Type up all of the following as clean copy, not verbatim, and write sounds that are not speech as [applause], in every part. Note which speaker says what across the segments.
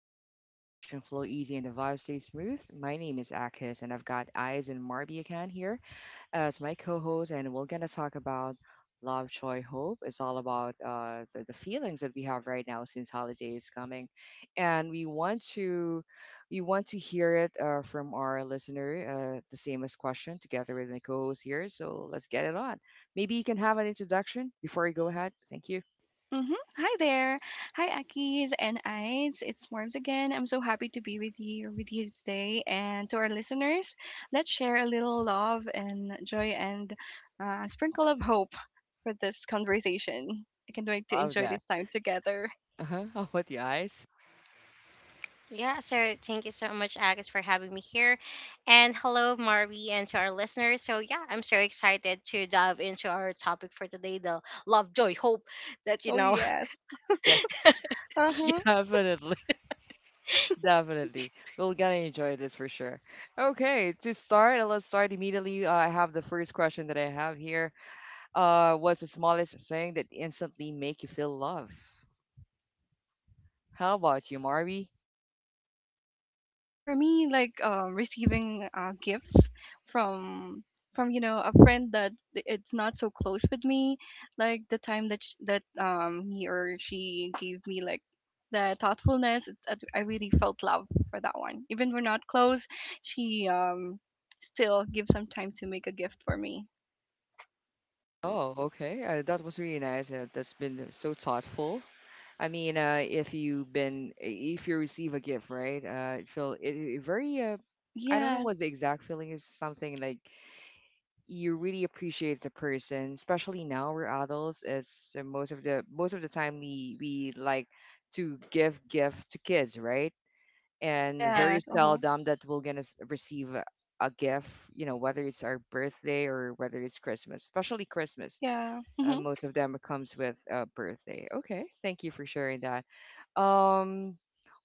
Speaker 1: zone where conversation flow easy and the vibe stays smooth. My name is Akis and I've got Eyes and Marbiakan here as my co-host, and we're gonna talk about love, joy, hope. It's all about the feelings that we have right now since holiday is coming, and we want to hear it from our listener. The same as question together with my co-host here. So let's get it on. Maybe you can have an introduction before you go ahead. Thank you.
Speaker 2: Mm-hmm. Hi there. Hi, Akis and Ides. It's Morms again. I'm so happy to be with you today. And to our listeners, let's share a little love and joy and a sprinkle of hope for this conversation. I can't wait to
Speaker 1: Love
Speaker 2: enjoy
Speaker 1: that.
Speaker 2: this time together. [laughs]
Speaker 1: Uh huh. How about the eyes? [laughs]
Speaker 3: Yeah, so thank you so much, Agus, for having me here. And hello, Marvi, and to our listeners. So I'm so excited to dive into our topic for today the love, joy, hope that, you
Speaker 2: Oh,
Speaker 3: know,
Speaker 2: yes.
Speaker 1: Yes,
Speaker 2: Uh-huh.
Speaker 1: [laughs]
Speaker 3: [laughs]
Speaker 1: definitely, definitely. We're gonna enjoy this for sure. Okay, to start, let's start immediately. I have the first question that I have here. What's the smallest thing that instantly make you feel love? How about you, Marvy?
Speaker 2: For me, like receiving gifts from from you know a friend that it's not so close with me, like the time that he or she gave me like the thoughtfulness, I really felt love for that one, even we're not close. She still gives some time to make a gift for me.
Speaker 1: Oh, okay. That was really nice. That's been so thoughtful. I mean, if you've been, if you receive a gift, right? It feel it, it very. I don't know what
Speaker 2: Yes.
Speaker 1: the exact feeling is. Something like you really appreciate the person, especially now we're adults. It's most of the time we like to give gift to kids, right? And very
Speaker 3: yes.
Speaker 2: Yes. Uh-huh.
Speaker 1: seldom that we're gonna receive a gift, you know, whether it's our birthday or whether it's Christmas, especially Christmas.
Speaker 2: Yeah. Hmm.
Speaker 1: Most of them comes with a birthday. Okay, thank you for sharing that. um,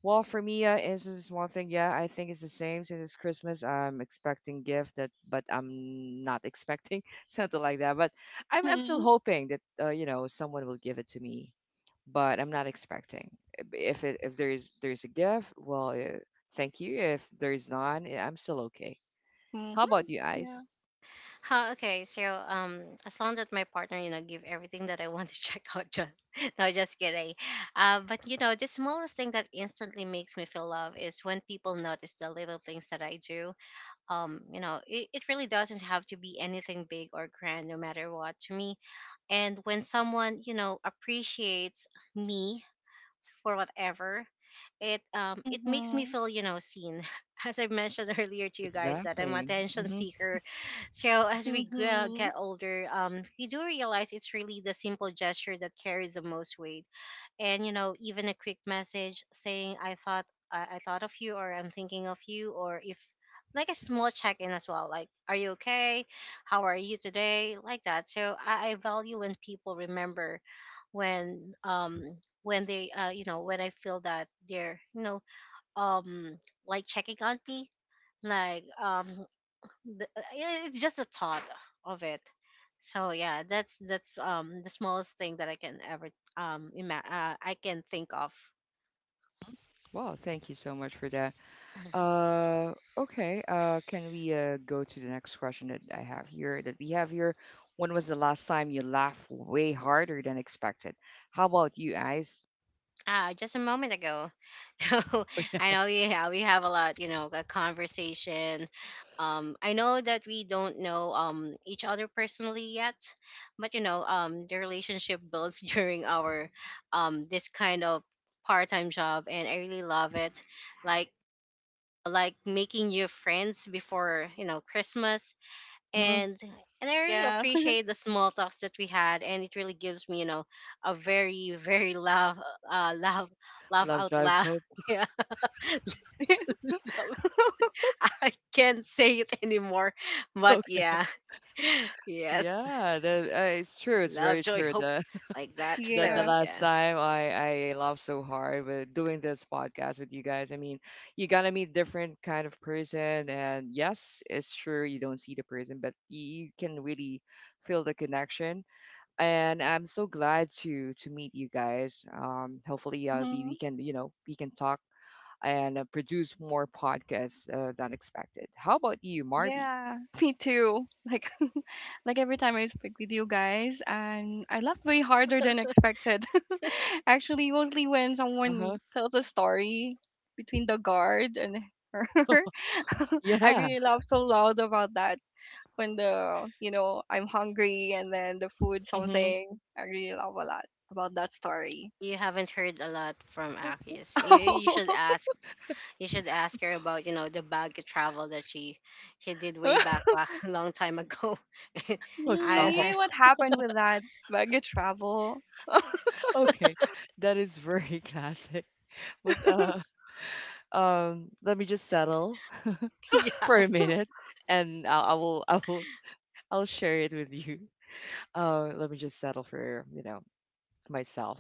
Speaker 1: well, for me, it's just one thing. Yeah, I think it's the same. Since it's Christmas, I'm expecting gift that, but I'm not expecting [laughs] something like that. But I'm still
Speaker 2: Hmm.
Speaker 1: hoping that you know someone will give it to me. But I'm not expecting. If there's a gift, well, thank you. If there's none, eh, I'm still okay.
Speaker 2: Hmm.
Speaker 1: How about you
Speaker 2: Yeah.
Speaker 1: guys?
Speaker 3: Huh, okay, so as long that my partner, give everything that I want to [laughs] check out, just [laughs] no, just kidding. But you know, the smallest thing that instantly makes me feel love is when people notice the little things that I do. You know, it really doesn't have to be anything big or grand, no matter what. To me, and when someone, appreciates me for whatever it it makes me
Speaker 2: Hmm.
Speaker 3: feel seen, [laughs] as I mentioned [laughs] earlier to you guys, that I'm
Speaker 1: Exactly.
Speaker 3: attention
Speaker 1: Mm-hmm.
Speaker 3: seeker. So as we
Speaker 2: Hmm.
Speaker 3: get older, we do realize it's really the simple gesture that carries the most weight. And you know, even a quick message saying I thought I thought of you, or I'm thinking of you, or if like a small check-in as well, like, are you okay, how are you today, like that. So I value when people remember, when um when they you know, when I feel that they're you know, um like checking on me, like, it's just a thought of it. So yeah, that's the smallest thing that I can ever I can think of.
Speaker 1: Well, thank you so much for that. Okay. Can we go to the next question that I have here that we have here? When was the last time you laughed way harder than expected? How about you guys?
Speaker 3: Ah, just a moment ago. [laughs] So I know we have a lot, you know, a conversation. I know that we don't know each other personally yet, but you know, the relationship builds [laughs] during our this kind of part time job, and I really love it. Like like making new friends before, you know, Christmas.
Speaker 1: Hmm.
Speaker 3: and and I really
Speaker 2: Yeah.
Speaker 3: appreciate the small talks that we had, and it really gives me, you know, a very laugh, laugh, laugh
Speaker 1: Love
Speaker 3: out
Speaker 1: Drive
Speaker 3: loud.
Speaker 1: Hope.
Speaker 3: [laughs]
Speaker 1: [laughs]
Speaker 3: Yeah,
Speaker 2: [laughs] It is.
Speaker 3: Laugh-
Speaker 2: [laughs]
Speaker 3: I can't say it anymore, but
Speaker 1: Okay.
Speaker 3: yeah, [laughs] yes,
Speaker 1: Yeah, that, it's true. It's
Speaker 3: love,
Speaker 1: very
Speaker 3: joy,
Speaker 1: true.
Speaker 3: hope,
Speaker 1: The
Speaker 3: like
Speaker 1: [laughs]
Speaker 3: that. So
Speaker 1: the
Speaker 2: Yeah.
Speaker 1: last
Speaker 3: yeah.
Speaker 1: time I laughed so hard with doing this podcast with you guys. I mean, you gotta meet different kind of person, and yes, it's true. You don't see the person, but you can really feel the connection, and I'm so glad to meet you guys. Hopefully, we
Speaker 2: Mm-hmm.
Speaker 1: can, you know, we can talk and produce more podcasts than expected. How about you, Marby?
Speaker 2: Yeah. [laughs] Me too. Like [laughs] like every time I speak with you guys and I laughed way harder than expected. [laughs] Actually, mostly when
Speaker 1: Uh huh.
Speaker 2: someone tells a story between the guard and her. [laughs] I
Speaker 1: Yeah.
Speaker 2: really laughed so loud about that. When the you know, I'm hungry and then the food
Speaker 1: Mm-hmm.
Speaker 2: something. I really laugh a lot about that story.
Speaker 3: You haven't heard a lot from Akis. You should
Speaker 2: [laughs]
Speaker 3: ask, you should ask her about, you know, the bag travel that she did way back [laughs] a long time ago.
Speaker 1: Oh,
Speaker 3: [laughs] I,
Speaker 1: stop.
Speaker 2: Really?
Speaker 3: I
Speaker 1: [laughs]
Speaker 2: What happened with that baggage travel?
Speaker 1: Okay, that is very [laughs] classic. But
Speaker 2: [laughs]
Speaker 1: let me just settle
Speaker 3: [laughs]
Speaker 1: [laughs]
Speaker 3: yeah.
Speaker 1: for a minute, and I will I'll share it with you. Let me just settle for, you know, myself,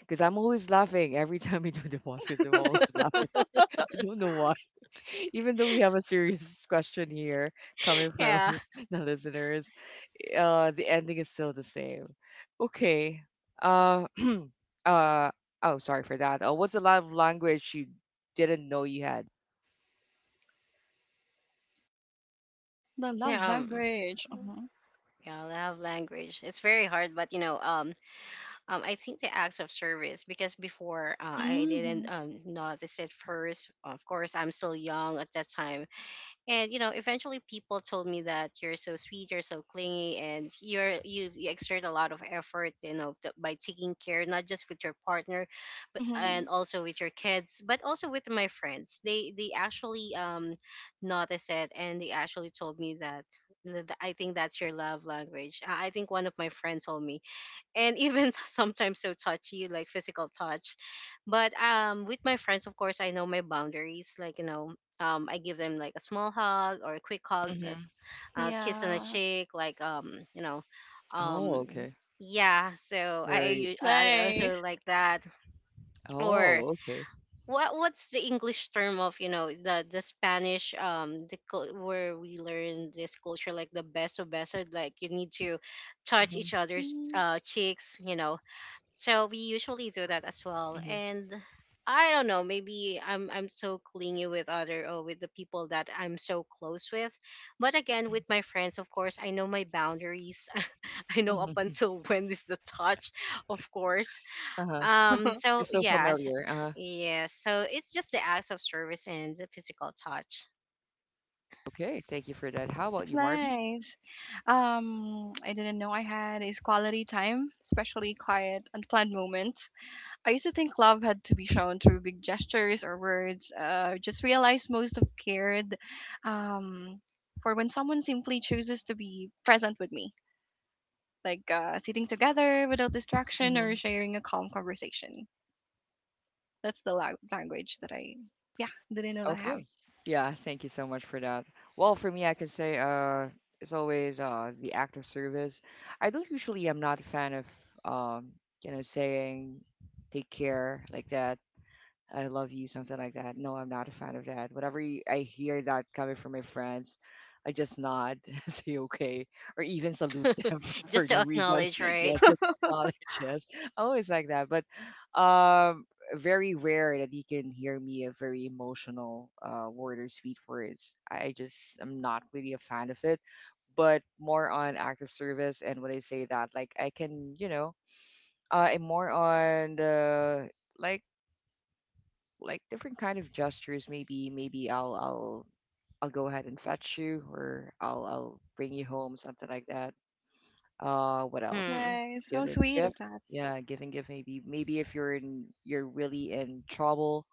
Speaker 1: because I'm always laughing every [laughs] time we do the podcast. I'm always laughing. I don't know why. [laughs] Even though we have a serious question here coming from
Speaker 3: Yeah.
Speaker 1: [laughs] the listeners, the ending is still the same. Okay. Uh, [clears throat] uh, oh, sorry for that. What's the love language you didn't know you had?
Speaker 2: The love
Speaker 3: Yeah. Um,
Speaker 2: language. Mhm.
Speaker 3: yeah, love language. It's very hard, but you know, I think the acts of service because before, I didn't
Speaker 2: Mhm.
Speaker 3: notice it first. Of course, I'm still young at that time. And you know, eventually people told me that you're so sweet, you're so clingy, and you exert a lot of effort, you know, by taking care not just with your partner, but and
Speaker 2: Mhm.
Speaker 3: also with your kids, but also with my friends. They actually noticed it, and they actually told me that I think that's your love language. I think one of my friends told me, and even [laughs] sometimes so touchy, like physical touch, but with my friends, of course, I know my boundaries, like you know, I give them like a small hug or quick hugs as
Speaker 1: Mm-hmm.
Speaker 3: a kiss on the
Speaker 2: Yeah.
Speaker 3: cheek, like, you know,
Speaker 1: Oh,
Speaker 3: um
Speaker 1: okay.
Speaker 3: yeah. So I
Speaker 1: Right.
Speaker 3: u- I
Speaker 2: Nice.
Speaker 3: also like that. Or
Speaker 1: Oh, okay.
Speaker 3: what, what's the English term of, you know, the Spanish, the where we learn this culture, like the beso beso, like you need to touch
Speaker 1: Mm-hmm.
Speaker 3: each other's
Speaker 2: Mm.
Speaker 3: cheeks, you know. So we usually do that as well.
Speaker 1: Mm-hmm.
Speaker 3: And I don't know, maybe I'm so clingy with other or with the people that I'm so close with. But again, with my friends, of course, I know my boundaries. [laughs] I know
Speaker 1: Mm-hmm.
Speaker 3: up
Speaker 1: Uh-huh.
Speaker 3: until [laughs] when is the touch, of course.
Speaker 1: Uh-huh.
Speaker 3: Um
Speaker 2: [laughs]
Speaker 1: You're
Speaker 3: so
Speaker 1: so
Speaker 3: yeah, s-
Speaker 1: familiar. Uh-huh.
Speaker 3: yeah. So it's just the acts of service and the physical touch.
Speaker 1: Okay. Thank you for that. How about
Speaker 2: That's
Speaker 1: you, Marby?
Speaker 2: nice. I didn't know I had is quality time, especially quiet, unplanned moments. I used to think love had to be shown through big gestures or words. Just realized most of cared, um, for when someone simply chooses to be present with me, like sitting together without distraction or
Speaker 1: Mm-hmm.
Speaker 2: sharing a calm conversation. That's the language that I, yeah, didn't know that I
Speaker 1: Okay. Yeah, thank you so much for that. Well, for me, I can say it's always the act of service. I don't usually, I'm not a fan of um, you know, saying take care like that. I love you, something like that. No, I'm not a fan of that. Whenever I hear that coming from my friends, I just nod, [laughs] say okay, or even salute them [laughs]
Speaker 3: [laughs]
Speaker 1: for
Speaker 3: just to
Speaker 1: no reason.
Speaker 3: acknowledge,
Speaker 1: [laughs]
Speaker 2: have.
Speaker 3: right?
Speaker 1: Yes, with
Speaker 3: [laughs]
Speaker 2: [laughs]
Speaker 1: knowledge, [laughs] yes. I always like that. But um, very rare that you can hear me a very emotional word or sweet words. I just am not really a fan of it, but more on active service. And when I say that, like I can, you know, I'm more on the like like different kind of gestures. Maybe I'll go ahead and fetch you, or I'll bring you home, something like that. What else?
Speaker 3: Hmm.
Speaker 2: Nice. How
Speaker 1: Giving
Speaker 2: sweet
Speaker 1: gift,
Speaker 2: of that.
Speaker 1: yeah, giving gift. Maybe if you're really in trouble,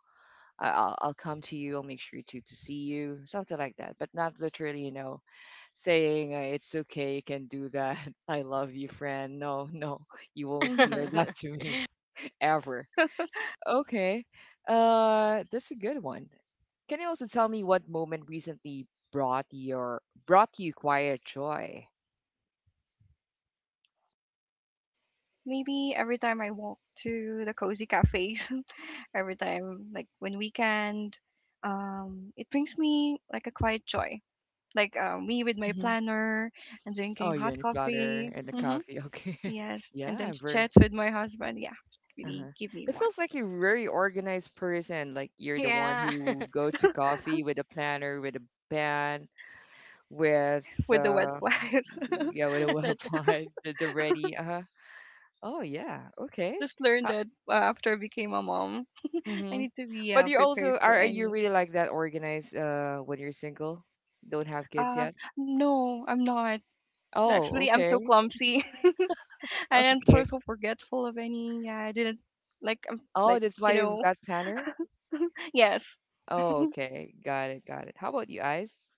Speaker 1: I'll come to you. I'll make sure to see you, something like that. But not literally, you know, saying it's okay, you can do that. [laughs] I love you, friend. No, no, you won't hear
Speaker 2: Hmm.
Speaker 1: [laughs] that
Speaker 3: [laughs]
Speaker 1: to me [laughs] ever. Okay, that's a good one. Can you also tell me what moment recently brought your brought you quiet joy?
Speaker 2: Maybe every time I walk to the cozy cafes, [laughs] every time, like when weekend, it brings me like a quiet joy. Like me with my
Speaker 1: Hmm.
Speaker 2: planner and
Speaker 1: Oh,
Speaker 2: drinking
Speaker 1: you're in
Speaker 2: hot
Speaker 1: the flower
Speaker 2: coffee.
Speaker 1: and the
Speaker 2: Hmm.
Speaker 1: coffee. Okay. [laughs]
Speaker 2: Yes, and
Speaker 1: Yeah,
Speaker 2: then
Speaker 1: very.
Speaker 2: chats with my husband. Yeah, really
Speaker 1: Uh-huh.
Speaker 2: give me
Speaker 1: It
Speaker 2: one
Speaker 1: feels like you're a very organized person. Like you're the one
Speaker 3: yeah.
Speaker 1: who go to coffee with a planner, with a pen, with
Speaker 2: with the wet wipes.
Speaker 1: yeah, with a [laughs]
Speaker 2: [laughs] That.
Speaker 3: [laughs]
Speaker 1: weapon, the ready. Uh-huh. Oh yeah.
Speaker 2: I
Speaker 1: Okay.
Speaker 2: just learned
Speaker 1: How,
Speaker 2: that after I became a mom, [laughs] I
Speaker 1: mm-hmm.
Speaker 2: need to be
Speaker 1: But you
Speaker 2: prepared
Speaker 1: also
Speaker 2: for
Speaker 1: are you
Speaker 2: any.
Speaker 1: really like that organized when you're single? Don't have kids
Speaker 2: Um,
Speaker 1: yet?
Speaker 2: no, I'm not.
Speaker 1: Oh,
Speaker 2: Actually, I'm so
Speaker 1: okay.
Speaker 2: clumsy. [laughs] I am
Speaker 1: Okay.
Speaker 2: so forgetful of any. Yeah, I didn't like. I'm
Speaker 1: Oh,
Speaker 2: like
Speaker 1: that's
Speaker 2: you
Speaker 1: why you've
Speaker 2: know. [laughs]
Speaker 1: got planner?
Speaker 2: Yes.
Speaker 1: Oh, okay. Got it, got it. How about you, Ice?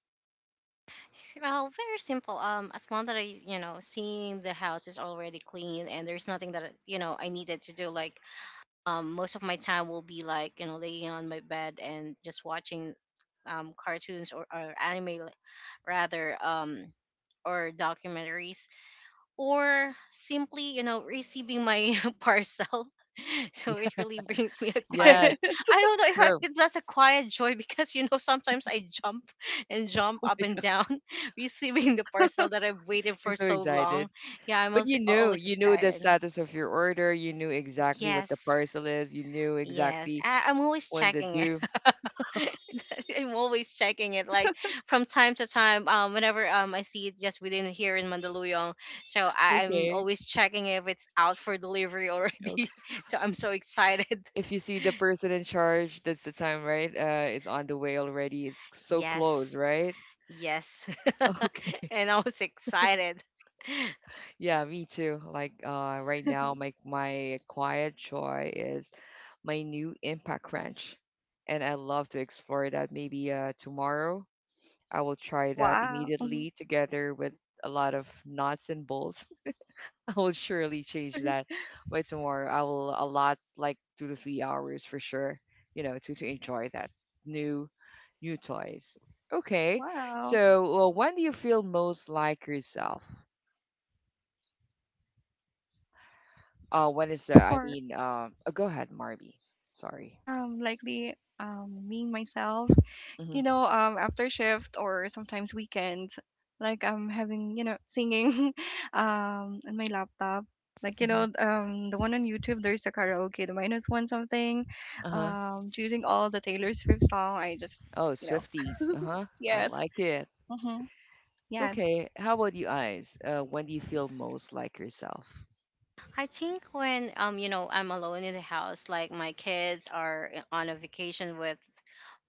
Speaker 3: Well, very simple. As long that I, you know, seeing the house is already clean and there's nothing that, you know, I needed to do. Like, most of my time will be like, you know, laying on my bed and just watching, cartoons, or anime, rather, or documentaries, or simply, you know, receiving my [laughs] parcel. [laughs] So
Speaker 1: Yeah.
Speaker 3: it really brings me a quiet joy.
Speaker 1: Yes,
Speaker 2: [laughs]
Speaker 3: I don't know if,
Speaker 1: true.
Speaker 3: if that's a quiet joy [laughs] because, you know, sometimes I jump and jump up and down [laughs] receiving the parcel that I've waited
Speaker 1: You're
Speaker 3: for
Speaker 1: so
Speaker 3: so
Speaker 1: excited.
Speaker 3: long. Yeah, I'm
Speaker 1: But
Speaker 3: also always
Speaker 1: you knew the
Speaker 3: excited.
Speaker 1: status of your order, you knew exactly what the
Speaker 3: Yes.
Speaker 1: parcel is, you knew
Speaker 3: Yes,
Speaker 1: exactly
Speaker 3: I'm always
Speaker 1: when to
Speaker 3: checking it.
Speaker 1: do.
Speaker 3: [laughs] I'm always checking it, like from time to time. Whenever I see it just within here in Mandaluyong, so I'm
Speaker 1: Okay,
Speaker 3: always checking if it's out for delivery
Speaker 1: okay.
Speaker 3: already. [laughs] So I'm so excited.
Speaker 1: If you see the person in charge, that's the time, right? It's on the way already. It's so close,
Speaker 3: Yes,
Speaker 1: right?
Speaker 3: yes,
Speaker 1: [laughs]
Speaker 3: [laughs]
Speaker 1: Okay.
Speaker 3: and I was excited. [laughs]
Speaker 1: Yeah, me too. Like right now, my quiet joy is my new impact wrench. And I love to explore that. Maybe tomorrow I will try that
Speaker 2: Wow. Mhm.
Speaker 1: immediately together with a lot of knots and bolts. [laughs] I will surely change that
Speaker 2: [laughs]
Speaker 1: by tomorrow. I will allot like 2 to 3 hours for sure, you know, to enjoy that new new toys. Okay.
Speaker 2: Wow.
Speaker 1: So well, when do you feel most like yourself? When is the, I
Speaker 2: For
Speaker 1: mean, go ahead, Marby. Sorry.
Speaker 2: likely me myself.
Speaker 1: Mm-hmm.
Speaker 2: You know, after shift or sometimes weekends, like I'm having, you know, singing [laughs] on my laptop. Like, you
Speaker 1: Mm-hmm.
Speaker 2: know, the one on YouTube, there's the karaoke, the minus one something.
Speaker 1: Uh-huh.
Speaker 2: Um, choosing all the Taylor Swift song, I just
Speaker 1: Oh,
Speaker 2: you know
Speaker 1: Swifties. Uh-huh.
Speaker 2: [laughs]
Speaker 1: I
Speaker 2: Yes.
Speaker 1: like it.
Speaker 2: Mm-hmm. Yes.
Speaker 1: Okay, how about you eyes? When do you feel most like yourself?
Speaker 3: I think when you know, I'm alone in the house, like my kids are eh, on a vacation with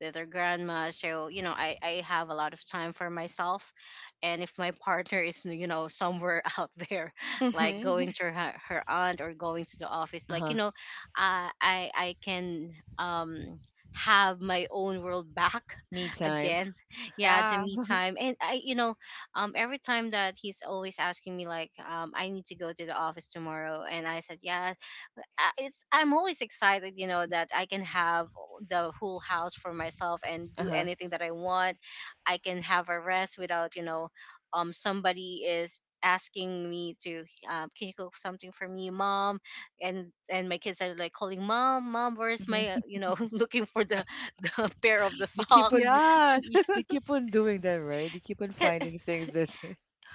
Speaker 3: their grandma, so you know, I have a lot of time for myself, and if my partner is, you know, somewhere [laughs] out there, like
Speaker 2: Mm-hmm.
Speaker 3: going
Speaker 2: [laughs]
Speaker 3: to her aunt, or going to the office, like, you
Speaker 1: Uh-huh.
Speaker 3: know, I can um have my own world back
Speaker 1: Me
Speaker 3: [laughs]
Speaker 1: time.
Speaker 3: again. Yeah, the
Speaker 2: Yeah.
Speaker 3: me time. And I, you know, every time that he's always asking me, like, I need to go to the office tomorrow, and I said yeah, but I- it's I'm always excited, you know, that I can have the whole house for myself and do
Speaker 1: Uh-huh.
Speaker 3: anything that I want. I can have a rest without, you know, somebody is asking me to, can you cook something for me, mom, and my kids are like calling, mom, mom, where's my,
Speaker 1: Hmm.
Speaker 3: you know, [laughs] looking for the [laughs] the pair of the
Speaker 1: They keep on
Speaker 3: socks. [laughs]
Speaker 2: Yes.
Speaker 3: Yeah,
Speaker 1: doing that, right? They keep on
Speaker 3: 'cause
Speaker 1: finding things that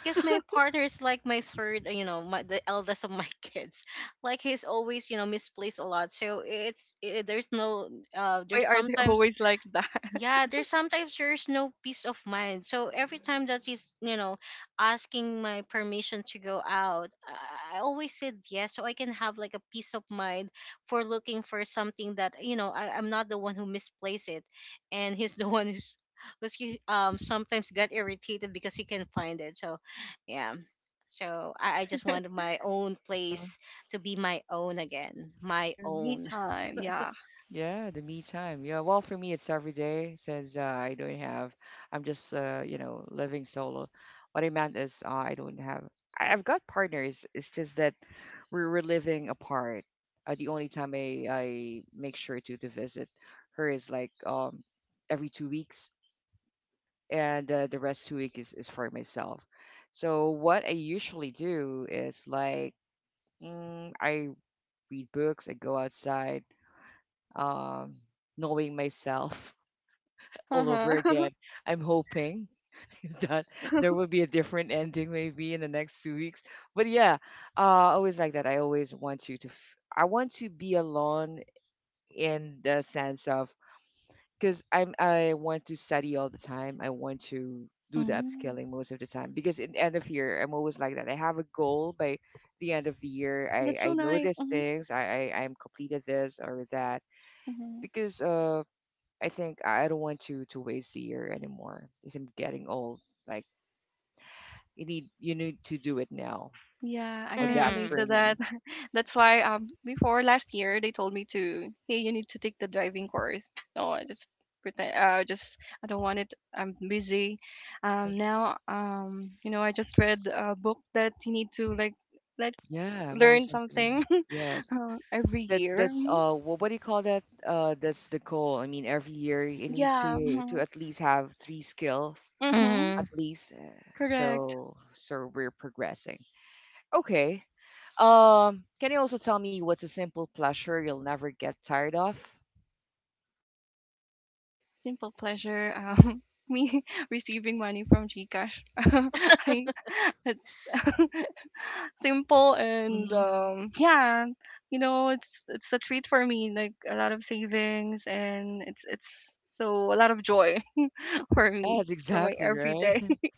Speaker 3: because my partner is like my third, you know, my, the eldest of my [laughs] kids. Like he's always, you know, misplaced a lot. So it's it, there's no,
Speaker 2: Why
Speaker 3: there's
Speaker 2: are they
Speaker 3: sometimes,
Speaker 2: always like that?
Speaker 3: yeah, there's sometimes there's no peace of mind. So every time that he's, you know, asking my permission to go out, I always said yes, so I can have like a peace of mind for looking for something that, you know, I'm not the one who misplaced it, and he's [laughs] the one who's, was he, sometimes got irritated because he can find it. So yeah, so I just wanted
Speaker 2: [laughs]
Speaker 3: my own
Speaker 1: [laughs]
Speaker 3: place to be my own again, my
Speaker 2: Your me
Speaker 3: own.
Speaker 2: time. Yeah.
Speaker 1: yeah, the me time. Yeah, well, for me, it's every day since I don't have, I'm just, you know, living solo. What I meant is, I don't have, I- I've got partners. It's just that we're living apart. The only time I make sure to visit her is like every 2 weeks, and the rest 2 weeks is for myself. So, what I usually do is like, mm, I read books, I go outside, um, knowing myself all over
Speaker 2: Uh-huh. [laughs]
Speaker 1: again. I'm hoping [laughs] that there will be a different ending maybe in the next 2 weeks. But yeah, uh, I always like that. I always want you to. I want to be alone in the sense of, because I want to study all the time. I want to do the
Speaker 2: Mm.
Speaker 1: upscaling most of the time, because in end of year I'm always like that. I have a goal by the end of the year.
Speaker 2: Oh, that's so
Speaker 1: I know
Speaker 2: nice.
Speaker 1: these
Speaker 2: Mm-hmm.
Speaker 1: things. I I'm completed this or that,
Speaker 2: Mm-hmm.
Speaker 1: because I think I don't want to waste a year anymore because I'm getting old. Like you need to do it now.
Speaker 2: Yeah, I
Speaker 1: Or
Speaker 2: can
Speaker 1: that's
Speaker 2: relate
Speaker 3: Mm-hmm.
Speaker 1: for
Speaker 2: to that.
Speaker 1: me.
Speaker 2: [laughs] That's why before last year they told me to hey you need to take the driving course. No, I just pretend just I don't want it. I'm busy.
Speaker 1: Like,
Speaker 2: Now you know I just read a book that you need to like like
Speaker 1: yeah, I'm always
Speaker 2: learn
Speaker 1: thinking.
Speaker 2: something [laughs]
Speaker 1: Yes.
Speaker 2: every
Speaker 1: That
Speaker 2: year.
Speaker 1: that's
Speaker 2: Mm-hmm.
Speaker 1: what do you call that? That's the goal. I mean every year you need
Speaker 2: Yeah.
Speaker 1: to
Speaker 2: Mm-hmm.
Speaker 1: at least have three skills
Speaker 2: Mm-hmm.
Speaker 1: at
Speaker 3: Mm-hmm.
Speaker 1: least,
Speaker 2: Correct.
Speaker 1: so so we're progressing. Okay. Can you also tell me what's a simple pleasure you'll never get tired of?
Speaker 2: Simple pleasure. [laughs] Me [laughs] receiving money from GCash. [laughs] I, it's [laughs] simple and
Speaker 1: Mm-hmm.
Speaker 2: yeah, you know, it's a treat for me. Like a lot of savings and it's so a lot of joy [laughs] for me
Speaker 1: Yes,
Speaker 2: for my
Speaker 1: exactly, right?
Speaker 2: everyday. [laughs]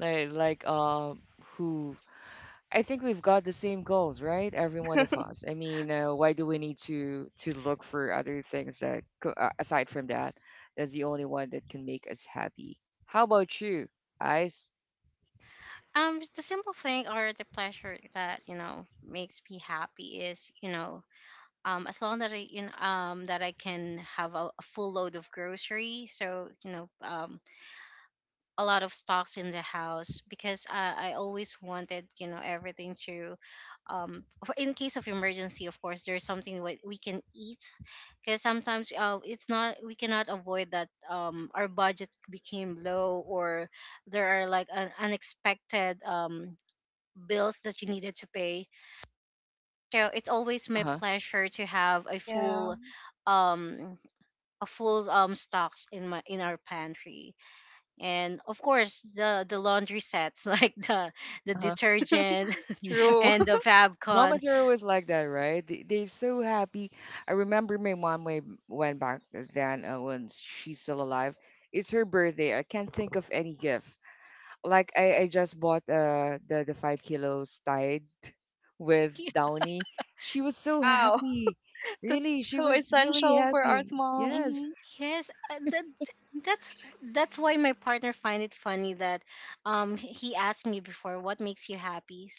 Speaker 1: like who I think we've got the same goals, right? Every one of us. I mean, why do we need to look for other things aside from that? That's the only one that can make us happy. How about you, Ice?
Speaker 3: Just the simple thing or the pleasure that, you know, makes me happy is, you know, as long that I, you know, that I can have a full load of grocery, so you know, a lot of stocks in the house, because I always wanted, you know, everything to in case of emergency, of course, there's something what we can eat. Because sometimes, it's not, we cannot avoid that, our budget became low, or there are like an unexpected bills that you needed to pay. So it's always
Speaker 1: Uh
Speaker 3: my
Speaker 1: huh.
Speaker 3: pleasure to have a
Speaker 2: Yeah,
Speaker 3: full um stocks in my in our pantry. And of course, the laundry sets, [laughs] like the
Speaker 1: Uh huh. [laughs]
Speaker 3: detergent
Speaker 1: Yeah.
Speaker 3: [laughs]
Speaker 2: true.
Speaker 3: and the
Speaker 2: [laughs]
Speaker 3: Fabcon.
Speaker 1: Mamas are always like that, right? They, they're so happy. I remember my mom when back then when she's still alive. It's her birthday. I can't think of any gift. Like I just bought the 5 kilos tied [laughs] with Downy. She was so
Speaker 2: Wow,
Speaker 1: happy.
Speaker 2: [laughs] that's
Speaker 1: Really, she
Speaker 2: so
Speaker 1: was really
Speaker 2: essential for
Speaker 1: happy.
Speaker 2: arts, mom.
Speaker 1: Yes,
Speaker 2: Mhm.
Speaker 3: Yes, that's that's why my partner find it funny that, he asked me before, what makes you happy?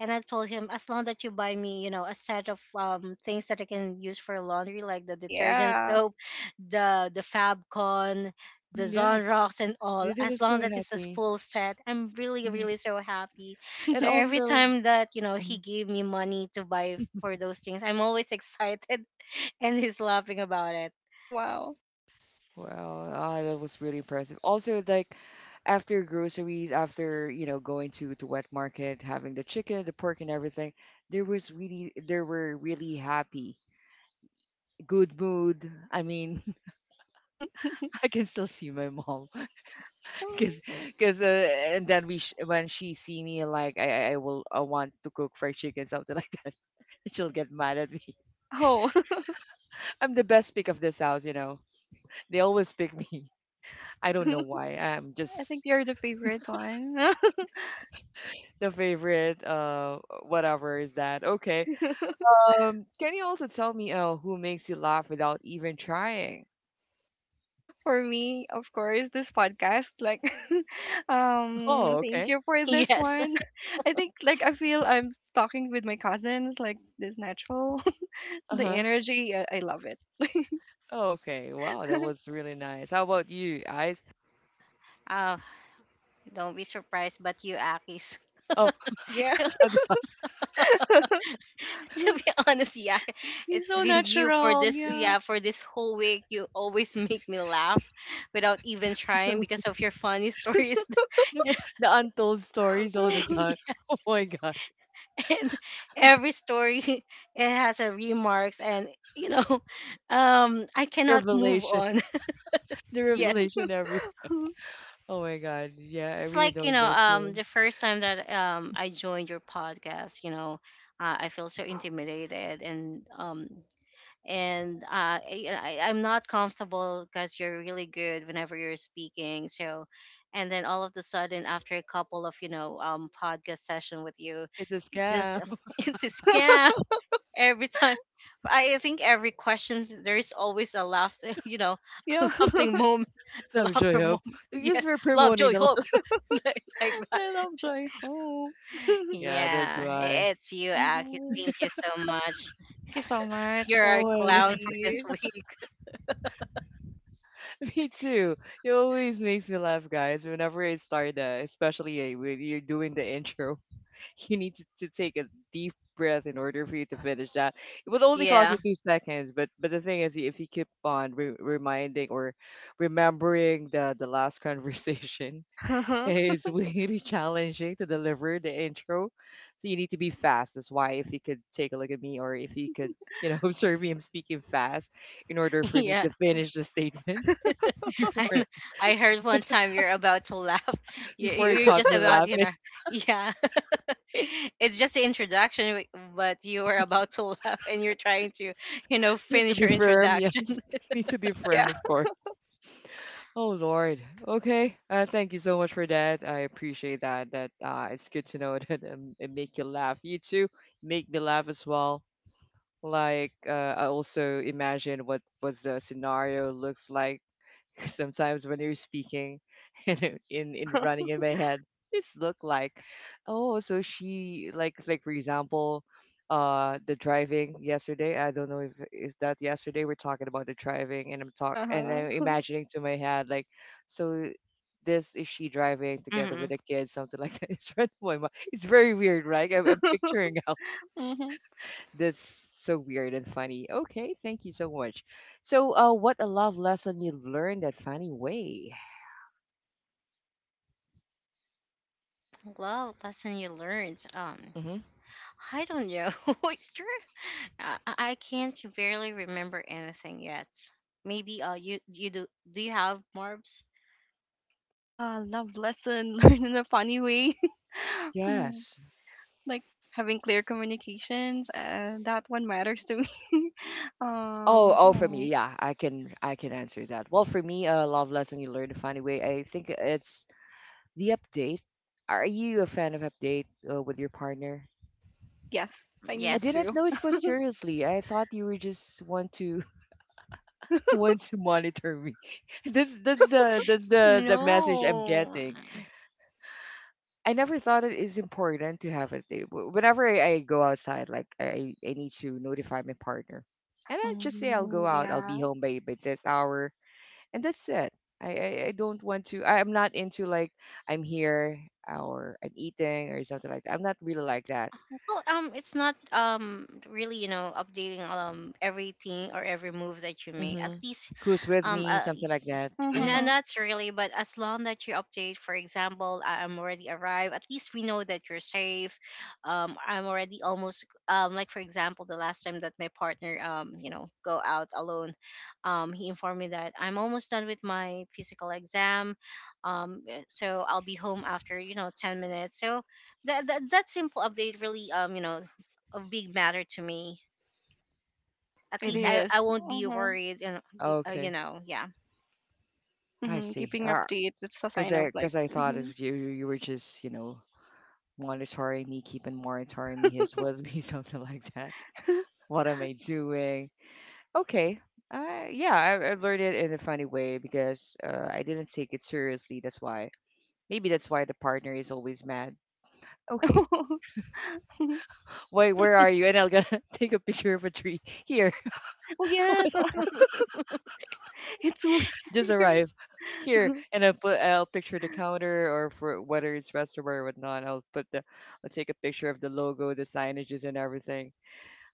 Speaker 3: And I told him, as long that you buy me, you know, a set of things that I can use for laundry, like the detergent
Speaker 2: Yeah.
Speaker 3: soap, the Fabcon, the
Speaker 1: mm, yes,
Speaker 3: Zonrox, and all,
Speaker 1: they were
Speaker 3: as long
Speaker 1: so
Speaker 3: that it's a
Speaker 1: happy.
Speaker 3: full set, I'm really
Speaker 1: Hmm.
Speaker 3: so happy.
Speaker 1: And
Speaker 3: So every
Speaker 2: [laughs]
Speaker 1: also,
Speaker 3: time that, you know, he
Speaker 1: mhm,
Speaker 3: gave me money to buy for those things, I'm always excited, [laughs] and he's laughing about it.
Speaker 2: Wow.
Speaker 1: wow, ah, that was really impressive. Also, like after groceries, after going to wet market, having the chicken, the pork, and everything, there were really happy, good mood. I mean, [laughs] I can still see my mom [laughs] because because uh, and then when she see me like I want to cook fried chicken something like that [laughs] she'll get mad at me [laughs]
Speaker 2: Oh,
Speaker 1: I'm the best pick of this house. They always pick me. [laughs] I don't know why. I'm
Speaker 2: [laughs] I
Speaker 1: just
Speaker 2: think you're the favorite one. [laughs]
Speaker 1: the favorite, whatever is that. Okay.
Speaker 2: [laughs]
Speaker 1: Can you also tell me who makes you laugh without even trying?
Speaker 2: For me, of course, this podcast. Like, [laughs]
Speaker 1: [laughs] Oh,
Speaker 2: thank
Speaker 1: okay.
Speaker 2: you for
Speaker 3: [laughs]
Speaker 2: this
Speaker 3: Yes.
Speaker 2: one. [laughs] I think, like, I feel I'm talking with my cousins. Like, this natural, [laughs] the
Speaker 1: Uh-huh.
Speaker 2: energy. I love it.
Speaker 1: Okay, wow, that was really nice. How about you, eyes?
Speaker 3: Oh, don't be surprised, but you, Akis.
Speaker 1: Oh,
Speaker 2: Yeah,
Speaker 1: [laughs] I'm the
Speaker 3: [laughs] To be honest, yeah,
Speaker 2: [laughs] he's
Speaker 3: it's
Speaker 2: so
Speaker 3: been you for
Speaker 2: natural.
Speaker 3: this,
Speaker 2: Yeah,
Speaker 3: yeah, for this whole week. You always make me laugh without even trying
Speaker 1: suspect.
Speaker 3: because of your funny stories. [laughs]
Speaker 1: The
Speaker 3: Yes,
Speaker 1: the untold stories all the
Speaker 2: [laughs]
Speaker 1: time. [laughs] Oh my God.
Speaker 3: and every story it has a remarks, and you know, I cannot move
Speaker 1: Revelation.
Speaker 3: on.
Speaker 1: The
Speaker 3: [laughs] Yes,
Speaker 1: revelation every Oh my God. Yeah, I
Speaker 3: it's
Speaker 1: really
Speaker 3: like, you
Speaker 1: don't
Speaker 3: know,
Speaker 1: know too.
Speaker 3: the first time that I joined your podcast, you know, I feel so intimidated, and I'm not comfortable because you're really good whenever you're speaking. So, and then all of the sudden, after a couple of, you know, podcast session with you,
Speaker 1: It's a
Speaker 3: it's just
Speaker 1: scam.
Speaker 3: [laughs] it's a scam [laughs] every time. I think every question there is always a laughter, [laughs] you know, [laughs]
Speaker 2: yeah.
Speaker 3: a
Speaker 2: [laughs]
Speaker 3: laughing moment,
Speaker 1: [laughs]
Speaker 3: a
Speaker 1: I'm sure I
Speaker 3: laughter
Speaker 1: hope.
Speaker 3: moment. [laughs] Yeah,
Speaker 1: Because we're
Speaker 3: love,
Speaker 1: promoting
Speaker 3: joy,
Speaker 1: the li-
Speaker 2: I lo-
Speaker 3: hope, [laughs] like that.
Speaker 2: I love Joy Ho. [laughs]
Speaker 1: Yeah, that's
Speaker 3: Yeah,
Speaker 1: why.
Speaker 3: it's you, Aki.
Speaker 2: Hmm.
Speaker 3: Thank you so much.
Speaker 2: Thank you so much,
Speaker 3: You're a
Speaker 1: Oh my God.
Speaker 3: clown for this
Speaker 2: Kitty.
Speaker 3: week.
Speaker 1: [laughs] Me too. It always makes me laugh, guys, whenever I start that, especially eh, when you're doing the intro. You need to take a deep breath in order for you to finish that. It would only cost
Speaker 3: Yeah,
Speaker 1: you 2 seconds, but the thing is, if you keep on reminding or remembering the last conversation, [laughs]
Speaker 2: [laughs]
Speaker 1: it's really challenging to deliver the intro. So you need to be fast. That's why if you could take a look at me, or if you could, [laughs] observe me, I'm speaking fast in order
Speaker 3: [laughs]
Speaker 1: for me
Speaker 3: yeah.
Speaker 1: to finish the statement [laughs] before it
Speaker 3: [laughs] I heard one time you're about to laugh. [laughs] You,
Speaker 1: before
Speaker 3: you-
Speaker 1: it
Speaker 3: you're
Speaker 1: caught
Speaker 3: just
Speaker 1: me
Speaker 3: about,
Speaker 1: laughing. [laughs]
Speaker 3: [laughs] yeah. [laughs] It's just the introduction, w- but you were about to [laughs] laugh and you're trying to,
Speaker 1: You need to
Speaker 3: finish
Speaker 1: be
Speaker 3: your
Speaker 1: firm,
Speaker 3: introduction.
Speaker 1: yes. [laughs]
Speaker 3: [laughs]
Speaker 1: You need to be
Speaker 2: Yeah.
Speaker 1: firm, of course. Oh Lord. Okay. Thank you so much for that. I appreciate that. It's good to know [laughs] that it make you laugh. You too make me laugh as well. I also imagine what was the scenario looks like [laughs] sometimes when you're speaking [laughs] and in running in my head this look like oh so she like for example the driving yesterday. I don't know if that yesterday we're talking about the driving, and I'm talk and I'm
Speaker 2: [laughs]
Speaker 1: imagining to my head like so this is she driving together
Speaker 3: Hmm.
Speaker 1: with the kids, something like that. [laughs] It's right in my mind. It's very weird, right? I'm
Speaker 2: Uh-huh.
Speaker 1: picturing [laughs] out
Speaker 2: [laughs] Mhm.
Speaker 1: this so weird and funny. Okay, thank you so much. So, what a love lesson you learned at Funny Way.
Speaker 3: Love lesson you learned.
Speaker 1: Mm-hmm.
Speaker 3: I don't know. [laughs] It's true. I can't barely remember anything yet. Maybe you you do do you have Marbs?
Speaker 2: Ah, love lesson [laughs] learned in a funny way. [laughs] Mm.
Speaker 1: Yes.
Speaker 2: Like having clear communications and that one matters to me. [laughs]
Speaker 1: Oh, oh, for me,
Speaker 2: Mm.
Speaker 1: yeah, I can answer that. Well, for me, a love lesson you learn to find a way. I think it's the update. Are you a fan of update, with your partner?
Speaker 2: Yes, I
Speaker 1: I
Speaker 2: need
Speaker 3: Yes.
Speaker 1: didn't
Speaker 2: to.
Speaker 1: know it was seriously. I thought you were just want to [laughs] want to monitor me. [laughs] That's the message I'm
Speaker 3: No.
Speaker 1: getting. I never thought it is important to have a date. Whenever I go outside, like I need to notify my partner, and I just say I'll go
Speaker 2: Mm.
Speaker 1: out. I'll be
Speaker 2: Yeah.
Speaker 1: home by this hour, and that's it. I I don't want to. I am not into like I'm here, or I'm eating or something like that. I'm not really like that.
Speaker 3: Well, it's not really updating everything or every move that you make. At
Speaker 1: Mm-hmm.
Speaker 3: least
Speaker 1: Who's with
Speaker 3: um
Speaker 1: me?
Speaker 3: uh,
Speaker 1: Something like
Speaker 3: y-
Speaker 1: that.
Speaker 3: and
Speaker 1: Mm-hmm.
Speaker 3: then
Speaker 2: Mm-hmm.
Speaker 3: that's really, but as long that you update, for example, I'm already arrived. At least we know that you're safe. I'm already almost like for example, the last time that my partner go out alone, he informed me that I'm almost done with my physical exam, so I'll be home after 10 minutes. So that simple update really a big matter to me, at
Speaker 2: It
Speaker 3: least
Speaker 1: Mm-hmm.
Speaker 3: i
Speaker 2: is.
Speaker 3: i won't be
Speaker 2: Mm-hmm.
Speaker 3: worried and
Speaker 1: Okay,
Speaker 3: yeah.
Speaker 1: I
Speaker 2: Mhm,
Speaker 1: see.
Speaker 2: keeping
Speaker 1: Ah,
Speaker 2: updates it's a sign of like
Speaker 1: cause I thought
Speaker 2: mhm.
Speaker 1: if you were just monitoring me, keeping monitoring me. He's with me, [laughs] something like that. What am I doing? Okay. Yeah, I learned it in a funny way because I didn't take it seriously. That's why. Maybe that's why the partner is always mad. Okay.
Speaker 2: [laughs]
Speaker 1: Wait, where are you? And I'll gonna [laughs] take a picture of a tree. Here,
Speaker 2: Oh yeah so
Speaker 3: [laughs]
Speaker 2: [laughs] it's weird.
Speaker 1: just arrive. Here,
Speaker 2: [laughs]
Speaker 1: and I'll picture the counter or for whether it's restaurant or whatnot. I'll put the I'll take a picture of the logo, the signages, and everything.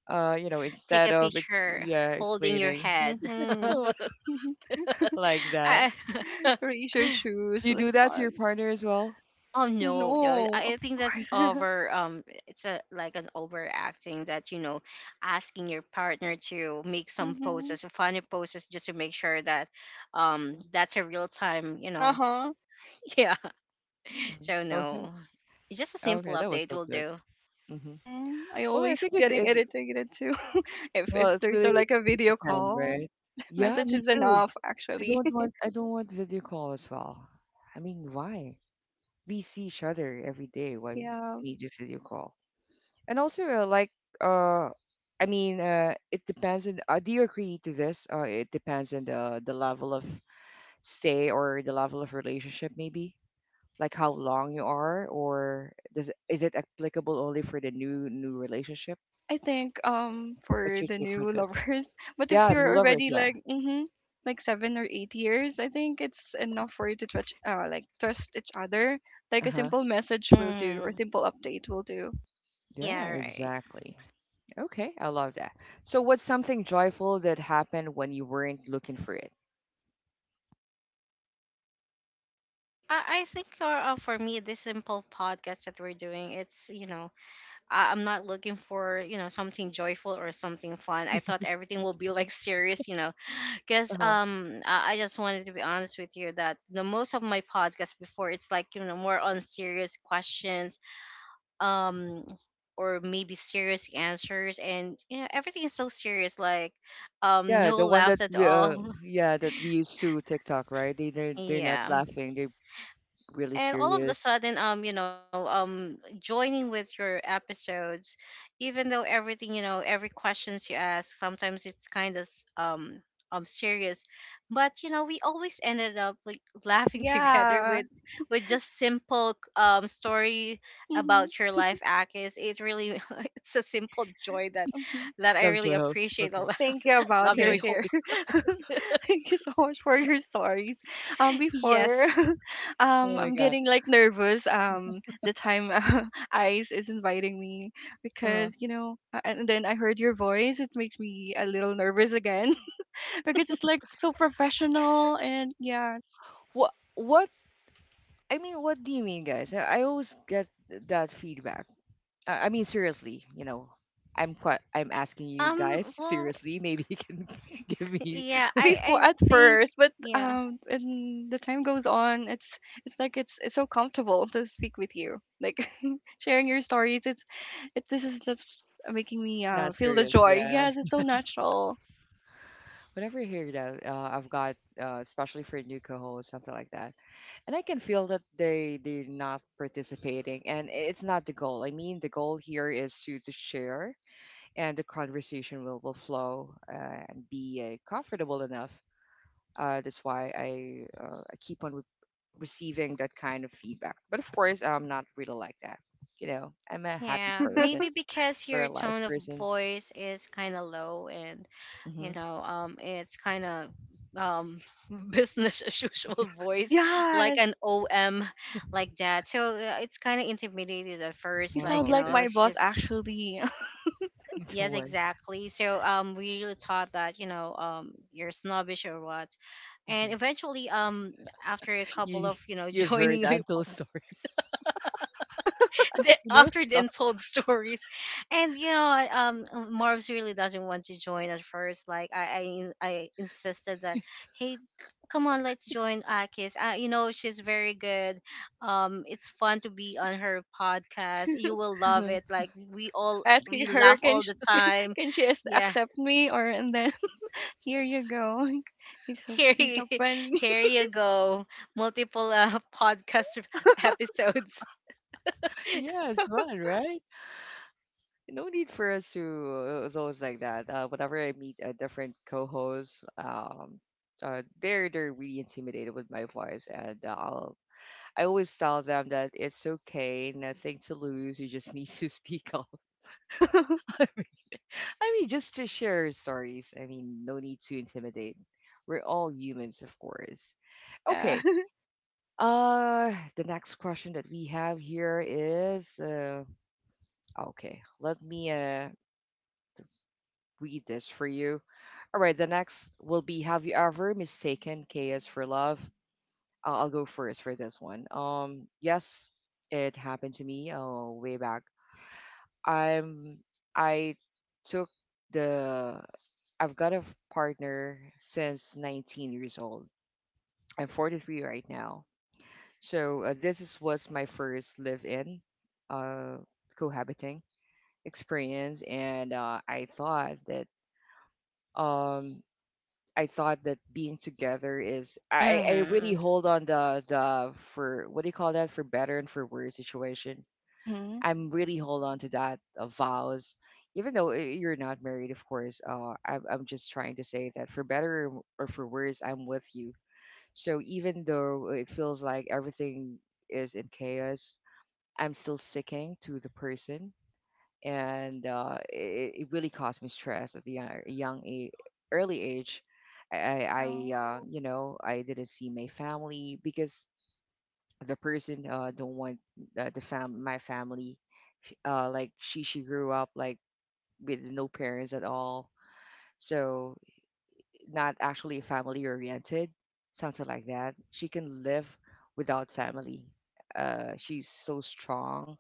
Speaker 3: Take a picture
Speaker 1: Yeah,
Speaker 3: holding your
Speaker 1: explaining
Speaker 3: head.
Speaker 1: [laughs]
Speaker 2: Mm-hmm.
Speaker 3: [laughs]
Speaker 2: [laughs]
Speaker 1: like that.
Speaker 3: I, [laughs]
Speaker 2: Raise your shoes
Speaker 1: You
Speaker 2: like
Speaker 1: do that to your partner as well.
Speaker 3: oh, no no
Speaker 2: no
Speaker 3: i
Speaker 2: of
Speaker 3: I think that's
Speaker 2: course.
Speaker 3: over. It's a like an overacting that asking your partner to make
Speaker 2: [laughs]
Speaker 3: some
Speaker 2: Mm-hmm.
Speaker 3: poses, funny poses, just to make sure that that's a real time,
Speaker 2: Uh-huh.
Speaker 3: [laughs] yeah.
Speaker 1: Mm,
Speaker 3: So
Speaker 1: okay.
Speaker 3: no, just a simple
Speaker 1: Okay, that was
Speaker 3: update
Speaker 1: so
Speaker 3: will
Speaker 1: good.
Speaker 3: do.
Speaker 1: Hmm.
Speaker 2: Mhm. I
Speaker 1: Well, I
Speaker 2: always
Speaker 1: think
Speaker 2: getting
Speaker 1: it's
Speaker 2: irritated too [laughs]
Speaker 1: well,
Speaker 2: if
Speaker 1: it's
Speaker 2: there's
Speaker 1: really
Speaker 2: a, like a video
Speaker 1: depend,
Speaker 2: call.
Speaker 1: right?
Speaker 2: [laughs]
Speaker 1: Yeah,
Speaker 2: Message
Speaker 1: me
Speaker 2: is
Speaker 1: too.
Speaker 2: enough actually. [laughs]
Speaker 1: I don't want video call as well. I mean, why? We see each other every day. Why we
Speaker 2: Yeah.
Speaker 1: need a video call? And also, uh, I mean, it depends on. Do you agree to this? It depends on the level of stay or the level of relationship, maybe. Like how long you are, or is it applicable only for the new new relationship?
Speaker 2: I think
Speaker 1: What's
Speaker 2: for
Speaker 1: your
Speaker 2: the
Speaker 1: take for
Speaker 2: new
Speaker 1: this?
Speaker 2: lovers, [laughs] but if
Speaker 1: Yeah, new
Speaker 2: you're
Speaker 1: lovers.
Speaker 2: already
Speaker 1: Yeah.
Speaker 2: like mhm like 7 or 8 years, I think it's enough for you to trust like trust each other. Like
Speaker 1: Uh
Speaker 2: a
Speaker 1: huh.
Speaker 2: simple message will do or a
Speaker 3: Mm.
Speaker 2: simple update will do.
Speaker 1: Yeah,
Speaker 3: Yeah, right.
Speaker 1: exactly. Okay, I love that. So, what's something joyful that happened when you weren't looking for it?
Speaker 3: I think for me, this simple podcast that we're doing, it's, you know, I'm not looking for, you know, something joyful or something fun. I thought
Speaker 1: [laughs]
Speaker 3: everything will be like serious, you know, because
Speaker 1: Uh-huh.
Speaker 3: I just wanted to be honest with you that the most of my podcasts before, it's like, you know, more on serious questions, um or maybe serious answers, and yeah, everything is so serious, like
Speaker 1: Yeah,
Speaker 3: no
Speaker 1: the one that
Speaker 3: laughs at
Speaker 1: we,
Speaker 3: all.
Speaker 1: yeah, that we used to TikTok, right?
Speaker 3: [laughs]
Speaker 1: They're not
Speaker 3: Yeah,
Speaker 1: laughing. They're really
Speaker 3: and all of the
Speaker 1: serious.
Speaker 3: sudden joining with your episodes, even though everything, you know, every questions you ask, sometimes it's kind of um serious, but you know we always ended up like laughing [laughs] together
Speaker 2: Yeah.
Speaker 3: with just simple story
Speaker 2: Mhm.
Speaker 3: about your life, Akis. It really [laughs] it's a simple joy that
Speaker 2: Mhm.
Speaker 3: that
Speaker 1: [laughs]
Speaker 3: I
Speaker 1: Love
Speaker 3: really
Speaker 1: joyful.
Speaker 3: appreciate
Speaker 1: Okay.
Speaker 3: a lot.
Speaker 2: Thank you
Speaker 3: [laughs]
Speaker 2: about
Speaker 3: Love,
Speaker 2: your
Speaker 1: Thanks.
Speaker 3: joy,
Speaker 2: share.
Speaker 3: hope.
Speaker 2: [laughs] Thank you so much for your stories.
Speaker 3: [laughs]
Speaker 2: Before,
Speaker 3: Yes.
Speaker 2: [laughs]
Speaker 1: Oh my
Speaker 2: I'm
Speaker 1: God.
Speaker 2: getting like nervous. The time [laughs] Ice is inviting me
Speaker 1: Uh-huh.
Speaker 2: because you know, and then I heard your voice. It makes me a little nervous again [laughs] because it's like so professional and yeah,
Speaker 1: What I mean, what do you mean, guys? I always get that feedback. I mean, seriously, I'm quite I'm asking you
Speaker 3: um
Speaker 1: guys [laughs]
Speaker 3: well
Speaker 1: seriously. Maybe you can [laughs] give me
Speaker 3: yeah, I
Speaker 2: before at
Speaker 3: think
Speaker 2: first, but
Speaker 3: yeah.
Speaker 2: and the time goes on. It's it's so comfortable to speak with you, like [laughs] sharing your stories. It's it this is just making me
Speaker 1: not
Speaker 2: feel the
Speaker 1: serious.
Speaker 2: joy.
Speaker 1: Yeah.
Speaker 2: Yes, it's so natural.
Speaker 1: Whenever you hear that, I've got, especially for new co hosts something like that, and I can feel that they're not participating, and it's not the goal. I mean, the goal here is to share, and the conversation will flow, and be, comfortable enough. That's why I keep on receiving that kind of feedback. But of course, I'm not really like that. You know, I'm a happy
Speaker 3: Yeah,
Speaker 1: person,
Speaker 2: [laughs]
Speaker 3: maybe because your
Speaker 1: real life
Speaker 3: tone of
Speaker 1: person.
Speaker 3: voice is kind of low and
Speaker 1: Hmm.
Speaker 3: you know, it's kind of um [laughs] business as usual voice like
Speaker 2: Yes,
Speaker 3: an OM like that. So it's kind of intimidated at
Speaker 2: you
Speaker 3: first
Speaker 1: Oh,
Speaker 2: sound
Speaker 3: like, you
Speaker 2: like
Speaker 3: know, oh,
Speaker 1: okay,
Speaker 2: my
Speaker 3: it's
Speaker 2: boss
Speaker 3: just
Speaker 2: actually.
Speaker 1: [laughs] the
Speaker 3: yes,
Speaker 1: one.
Speaker 3: exactly. So we really thought that, you know, you're snobbish or what. And
Speaker 1: Mm-hmm.
Speaker 3: eventually after a couple
Speaker 1: You
Speaker 3: of, you know, [laughs]
Speaker 1: you've heard
Speaker 3: joining
Speaker 1: untold stories. [laughs] You never
Speaker 3: after the
Speaker 1: thought.
Speaker 3: untold [laughs] stories. And you know Marv's really doesn't want to join at first, like I insisted that, hey, come on, let's join Akis. You know, she's very good. It's fun to be on her podcast,
Speaker 2: [laughs]
Speaker 3: you will love
Speaker 1: Mhm.
Speaker 3: it, like we
Speaker 2: I'm
Speaker 3: all
Speaker 2: asking
Speaker 3: we
Speaker 2: her,
Speaker 3: laugh all the time.
Speaker 2: can she
Speaker 3: Yeah.
Speaker 2: accept me or and then [laughs] here you go. [laughs]
Speaker 3: [laughs] Here
Speaker 2: He's
Speaker 3: you,
Speaker 2: so friendly.
Speaker 3: here you go, multiple [laughs] podcast episodes.
Speaker 1: Yeah, it's fun, right? No need for us to. It's always like that. Whenever I meet a different co-host, they're really intimidated with my voice, and I always tell them that it's okay, nothing to lose. You just [laughs] need to speak up.
Speaker 2: [laughs]
Speaker 1: [laughs] I mean, just to share stories. I mean, no need to intimidate. We're all humans, of course.
Speaker 2: Yeah.
Speaker 1: Okay, the next question that we have here is okay, let me read this for you. All right, the next will be have you ever mistaken chaos for love? I'll go first for this one. Yes, it happened to me, way back. I'm I took the I've got a partner since 19 years old. I'm 43 right now. So this was my first live-in, uh, cohabiting experience, and um, I thought that being together is I really
Speaker 3: Mm-hmm.
Speaker 1: hold on the for what do you call that for better and for worse situation.
Speaker 2: Mhm.
Speaker 1: I'm really hold on to that, vows, even though, you're not married, of course. I'm just trying to say that for better or for worse, I'm with you. So even though it feels like everything is in chaos, I'm still sticking to the person, and it really caused me stress at the young a early age.
Speaker 2: Yeah.
Speaker 1: You know, I didn't see my family because the person, don't want, the fam my family. Like she grew up like with no parents at all, so not actually family oriented, something like that. She can live without family. She's so strong,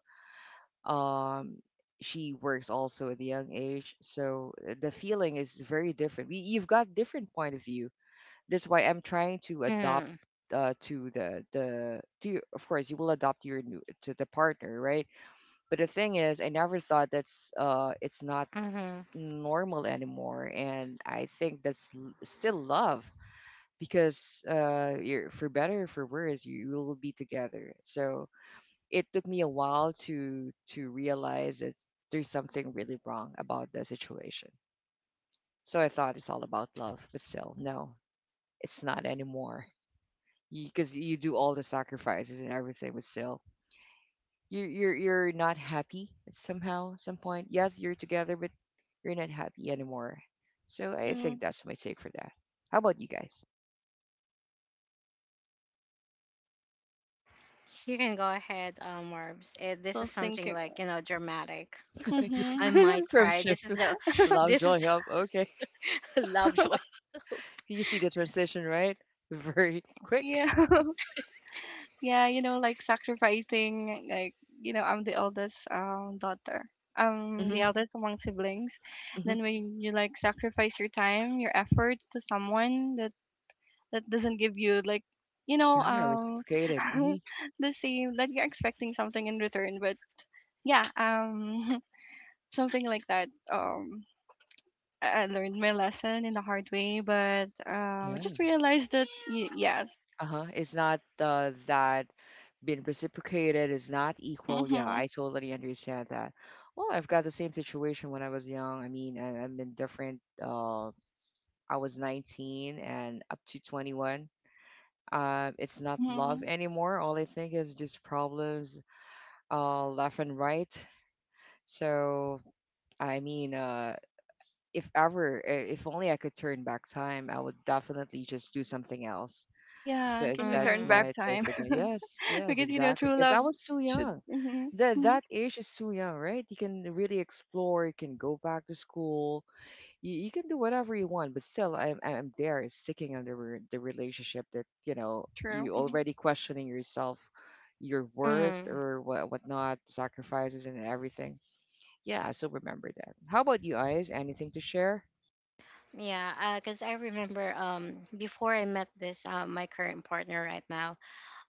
Speaker 1: um she works also at a young age, so the feeling is very different. You've got different point of view. That's why I'm trying to adopt, to of course you will adopt your new to the partner, right? But the thing is I never thought that's, it's not
Speaker 3: Mm-hmm.
Speaker 1: normal anymore, and I think that's still love because, you're for better or for worse you will be together. So it took me a while to realize that there's something really wrong about the situation. So I thought it's all about love, but still, no, it's not anymore. 'Cause you do all the sacrifices and everything, but still, you're not happy somehow, some point. Yes, you're together, but you're not happy anymore. So I think
Speaker 2: Mm.
Speaker 1: that's my take for that. How about you guys?
Speaker 3: You can go ahead, Marbs. Eh, this is
Speaker 2: Still
Speaker 3: something
Speaker 2: thinking.
Speaker 3: like, you know, dramatic. [laughs]
Speaker 1: [laughs] Yeah,
Speaker 3: I might
Speaker 2: Mhm. [laughs]
Speaker 1: from
Speaker 3: cry. This
Speaker 1: shift
Speaker 3: is
Speaker 1: to
Speaker 3: the,
Speaker 1: love,
Speaker 3: this
Speaker 1: joy,
Speaker 3: is
Speaker 1: help. Okay,
Speaker 3: [laughs] Lovejoy.
Speaker 1: you see the transition, right? [laughs] Very quick.
Speaker 2: Yeah. [laughs] Yeah, you know, like sacrificing like, you know, I'm the eldest daughter. I'm the eldest among siblings.
Speaker 1: Hmm.
Speaker 2: Then when you like sacrifice your time, your effort to someone that doesn't give you like you know,
Speaker 1: Yeah, reciprocated. Hmm.
Speaker 2: [laughs] the same that you're expecting something in return, but yeah, [laughs] something like that. I learned my lesson in a hard way, but I just
Speaker 1: Yeah.
Speaker 2: realized that yes.
Speaker 1: Uh-huh. It's not, that being reciprocated is not equal. Yeah,
Speaker 2: Mhm.
Speaker 1: I totally understand that. Well, I've got the same situation when I was young. I mean, I've been different. I was 19 and up to 21. It's not love
Speaker 2: Mhm.
Speaker 1: anymore. All I think is just problems, left and right. So, I mean, uh, if ever, if only I could turn back time, I would definitely just do something else.
Speaker 2: Yeah,
Speaker 1: That,
Speaker 2: can we
Speaker 1: that's
Speaker 2: turn
Speaker 3: Mm-hmm.
Speaker 2: back
Speaker 1: my take
Speaker 2: time?
Speaker 1: for that. Yes,
Speaker 2: [laughs]
Speaker 1: yes,
Speaker 2: Because you know,
Speaker 1: exactly.
Speaker 2: true
Speaker 1: Because I
Speaker 2: love
Speaker 1: was too
Speaker 2: should.
Speaker 1: young.
Speaker 2: Hmm.
Speaker 1: That age is too young, right? You can really explore. You can go back to school. You can do whatever you want. But still, I'm there, sticking under the the relationship that
Speaker 2: True.
Speaker 1: you
Speaker 2: Mm-hmm.
Speaker 1: already questioning yourself, your worth
Speaker 3: Mm-hmm.
Speaker 1: or what whatnot, sacrifices and everything. Yeah, so remember that. How about you, Eyes? Anything to share?
Speaker 3: Yeah, because I remember before I met this my current partner right now,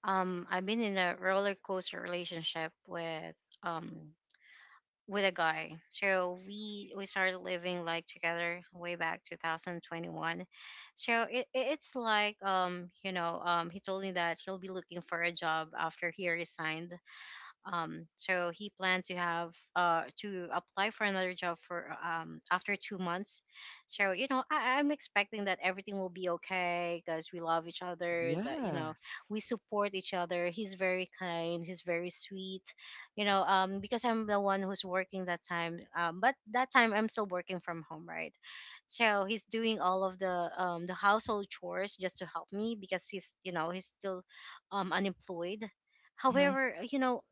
Speaker 3: I've been in a roller coaster relationship um with a guy. So we started living like together way back 2021. So it's like he told me that he'll be looking for a job after he resigned. So he planned to have to apply for another job for after 2 months. So you know I'm expecting that everything will be okay because we love each other. That you
Speaker 1: Yeah.
Speaker 3: know we support each other. He's very kind. He's very sweet. You know because I'm the one who's working that time. But that time I'm still working from home, right? So he's doing all of the household chores just to help me because he's you know he's still unemployed.
Speaker 1: Hmm.
Speaker 3: However, you know,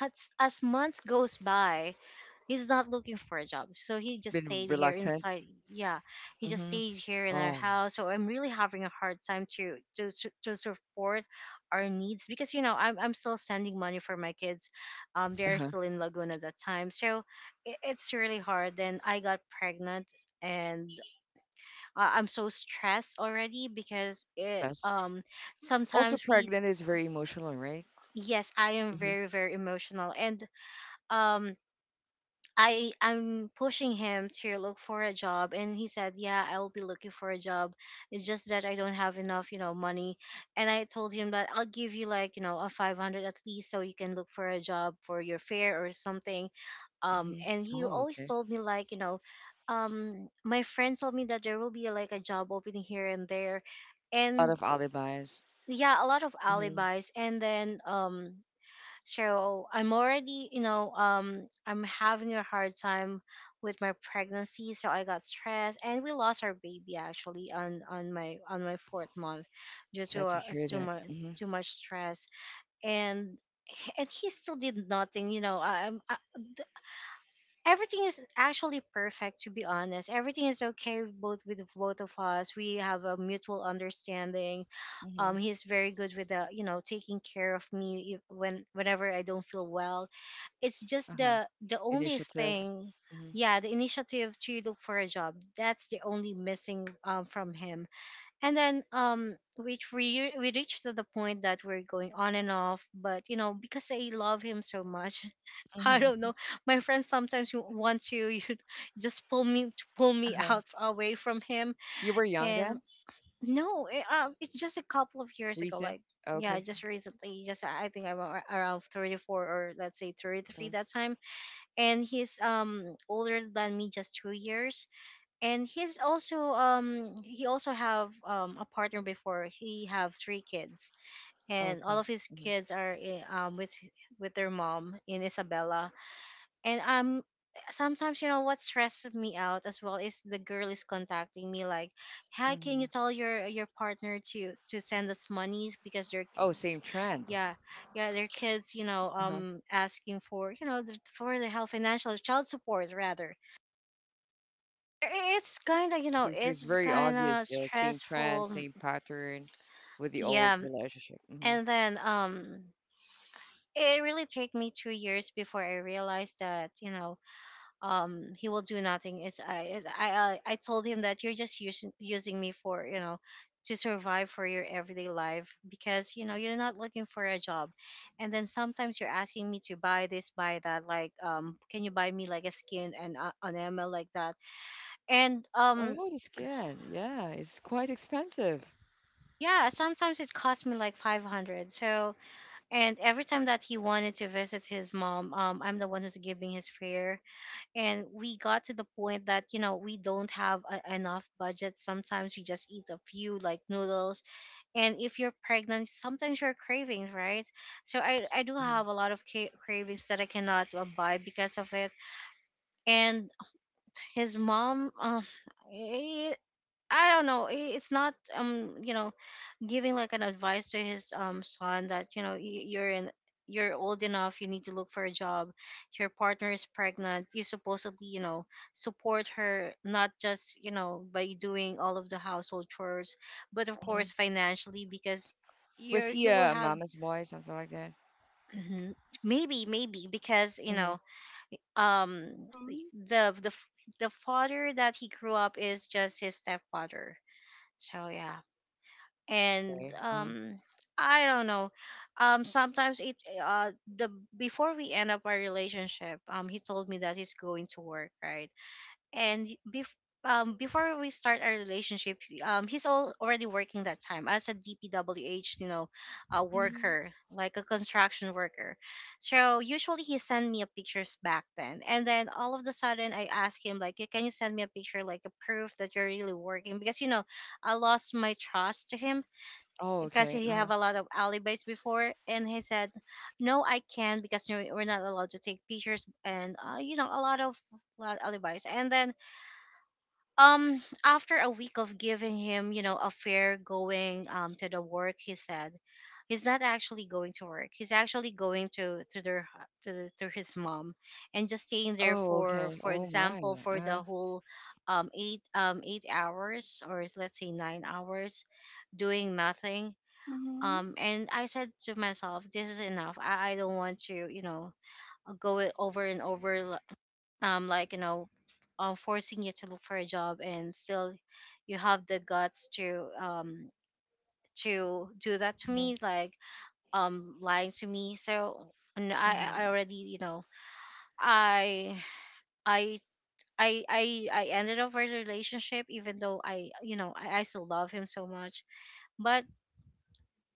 Speaker 3: as months goes by, he's not looking for a job. So he just
Speaker 1: Been
Speaker 3: stayed here
Speaker 1: reluctant.
Speaker 3: inside. Yeah, he just
Speaker 1: Hmm.
Speaker 3: stayed here in our
Speaker 1: Oh,
Speaker 3: house. So I'm really having a hard time to to support our needs because you know I'm still sending money for my kids. They're
Speaker 1: uh-huh.
Speaker 3: still in Laguna at that time. So it's really hard. Then I got pregnant, and I'm so stressed already because it
Speaker 1: Yes. Also,
Speaker 3: sometimes we
Speaker 1: pregnant is very emotional, right?
Speaker 3: yes I am
Speaker 1: Hmm.
Speaker 3: very emotional and um I'm pushing him to look for a job and he said, "Yeah, I will be looking for a job. It's just that I don't have enough, you know, money." And I told him that I'll give you like, you know, a 500 at least so you can look for a job for your fare or something.
Speaker 1: Hmm.
Speaker 3: And he
Speaker 1: Oh,
Speaker 3: always
Speaker 1: okay.
Speaker 3: told me like, you know, my friend told me that there will be like a job opening here and there.
Speaker 1: A lot
Speaker 3: And
Speaker 1: of alibis.
Speaker 3: yeah, a lot of
Speaker 1: Hmm.
Speaker 3: alibis. And then so I'm already, you know, I'm having a hard time with my pregnancy. So I got stressed and we lost our baby actually on my on my fourth month due to
Speaker 1: Sad to
Speaker 3: our, us
Speaker 1: hear
Speaker 3: too
Speaker 1: that.
Speaker 3: much,
Speaker 1: Hmm.
Speaker 3: too much stress. And and he still did nothing. You know, everything is actually perfect, to be honest. Everything is okay. Both with both of us, we have a mutual understanding.
Speaker 1: Hmm.
Speaker 3: He's very good with the you know taking care of me when whenever I don't feel well. It's just
Speaker 1: Uh-huh.
Speaker 3: the only
Speaker 1: Initiative.
Speaker 3: thing,
Speaker 1: Hmm.
Speaker 3: yeah, the initiative to look for a job. That's the only missing from him. And then which we reached to the point that we're going on and off. But you know, because I love him so much, [laughs] I don't
Speaker 1: Hmm.
Speaker 3: know. My friends sometimes want to [laughs] you know, just pull me
Speaker 1: Uh-huh.
Speaker 3: out away from him.
Speaker 1: You were young
Speaker 3: And
Speaker 1: then?
Speaker 3: no, it's just a couple of years ago.
Speaker 1: Recent?
Speaker 3: Like yeah,
Speaker 1: Okay.
Speaker 3: just recently, just I think around 34, or let's say 33,
Speaker 1: Hmm.
Speaker 3: that time. And he's older than me just 2 years. And he's also he also have a partner before. He have three kids, and
Speaker 1: Okay.
Speaker 3: all of his
Speaker 1: Hmm.
Speaker 3: kids are with their mom in Isabela. And sometimes you know what stresses me out as well is the girl is contacting me like, hi, can
Speaker 1: Hmm.
Speaker 3: you tell your partner to send us money because they're
Speaker 1: Oh, same trend.
Speaker 3: yeah yeah their kids, you know,
Speaker 1: Uh-huh.
Speaker 3: asking for you know the, for the help financial child support rather. It's kind of, you know,
Speaker 1: So, so it's
Speaker 3: it's
Speaker 1: very
Speaker 3: kind of
Speaker 1: obvious. Same trend,
Speaker 3: stressful.
Speaker 1: same pattern with the old
Speaker 3: Yeah.
Speaker 1: relationship. Hmm.
Speaker 3: And then it really took me 2 years before I realized that, you know, he will do nothing. It's I it's, I told him that you're just using me for, you know, to survive for your everyday life because, you know, you're not looking for a job. And then sometimes you're asking me to buy this, buy that, like can you buy me like a skin and an ML like that? And
Speaker 1: Oh, the skin. Yeah, it's quite expensive.
Speaker 3: yeah, sometimes it cost me like 500. So, and every time that he wanted to visit his mom, I'm the one who's giving his fare. And we got to the point that, you know, we don't have a, enough budget. Sometimes we just eat a few like noodles. And if you're pregnant, sometimes you're cravings, right? So I
Speaker 1: Yes.
Speaker 3: do have a lot of cravings that I cannot buy because of it. And his mom, I I don't know. It's not, you know, giving like an advice to his son that you know you're in you're old enough, you need to look for a job, your partner is pregnant, you supposedly you know support her, not just you know by doing all of the household chores, but of
Speaker 1: Mhm.
Speaker 3: course financially because
Speaker 1: Was
Speaker 3: you're
Speaker 1: he
Speaker 3: you will
Speaker 1: a
Speaker 3: have.
Speaker 1: mama's boy, something like that?
Speaker 3: Mhm. Maybe because you
Speaker 1: Mm-hmm.
Speaker 3: know um
Speaker 2: Mm-hmm.
Speaker 3: the the father that he grew up is just his stepfather, so yeah. and
Speaker 1: Okay. Uh-huh.
Speaker 3: um i don't know. Sometimes it uh the Before we end up our relationship, he told me that he's going to work, right? And before we start our relationship, he's all already working that time as a dpwh, you know, a worker, like a construction worker. So usually he sent me a pictures back then, and then all of the sudden I asked him like, "Can you send me a picture, like a proof that you're really working?" Because you know, I lost my trust to him,
Speaker 1: Oh,
Speaker 3: because
Speaker 1: okay.
Speaker 3: he
Speaker 1: Uh-huh.
Speaker 3: have a lot of alibis before. And he said, "No, I can't because no- we're not allowed to take pictures." And you know, a lot of lot alibis. And then after a week of giving him, you know, a fair going to the work, he said he's not actually going to work. He's actually going to their to his mom and just staying there
Speaker 1: Oh,
Speaker 3: for
Speaker 1: okay. Oh
Speaker 3: example
Speaker 1: my.
Speaker 3: for
Speaker 1: Uh-huh.
Speaker 3: the whole 8 hours, or is- let's say 9 hours, doing nothing.
Speaker 2: Mm-hmm.
Speaker 3: And I said to myself, this is enough. I don't want to, you know, go it over and over, like, you know, forcing you to look for a job and still you have the guts to do that to
Speaker 1: Mm-hmm.
Speaker 3: me, like lying to me. So and I
Speaker 1: Mm-hmm.
Speaker 3: already, you know, i i I ended up our relationship, even though I, you know, I still love him so much. But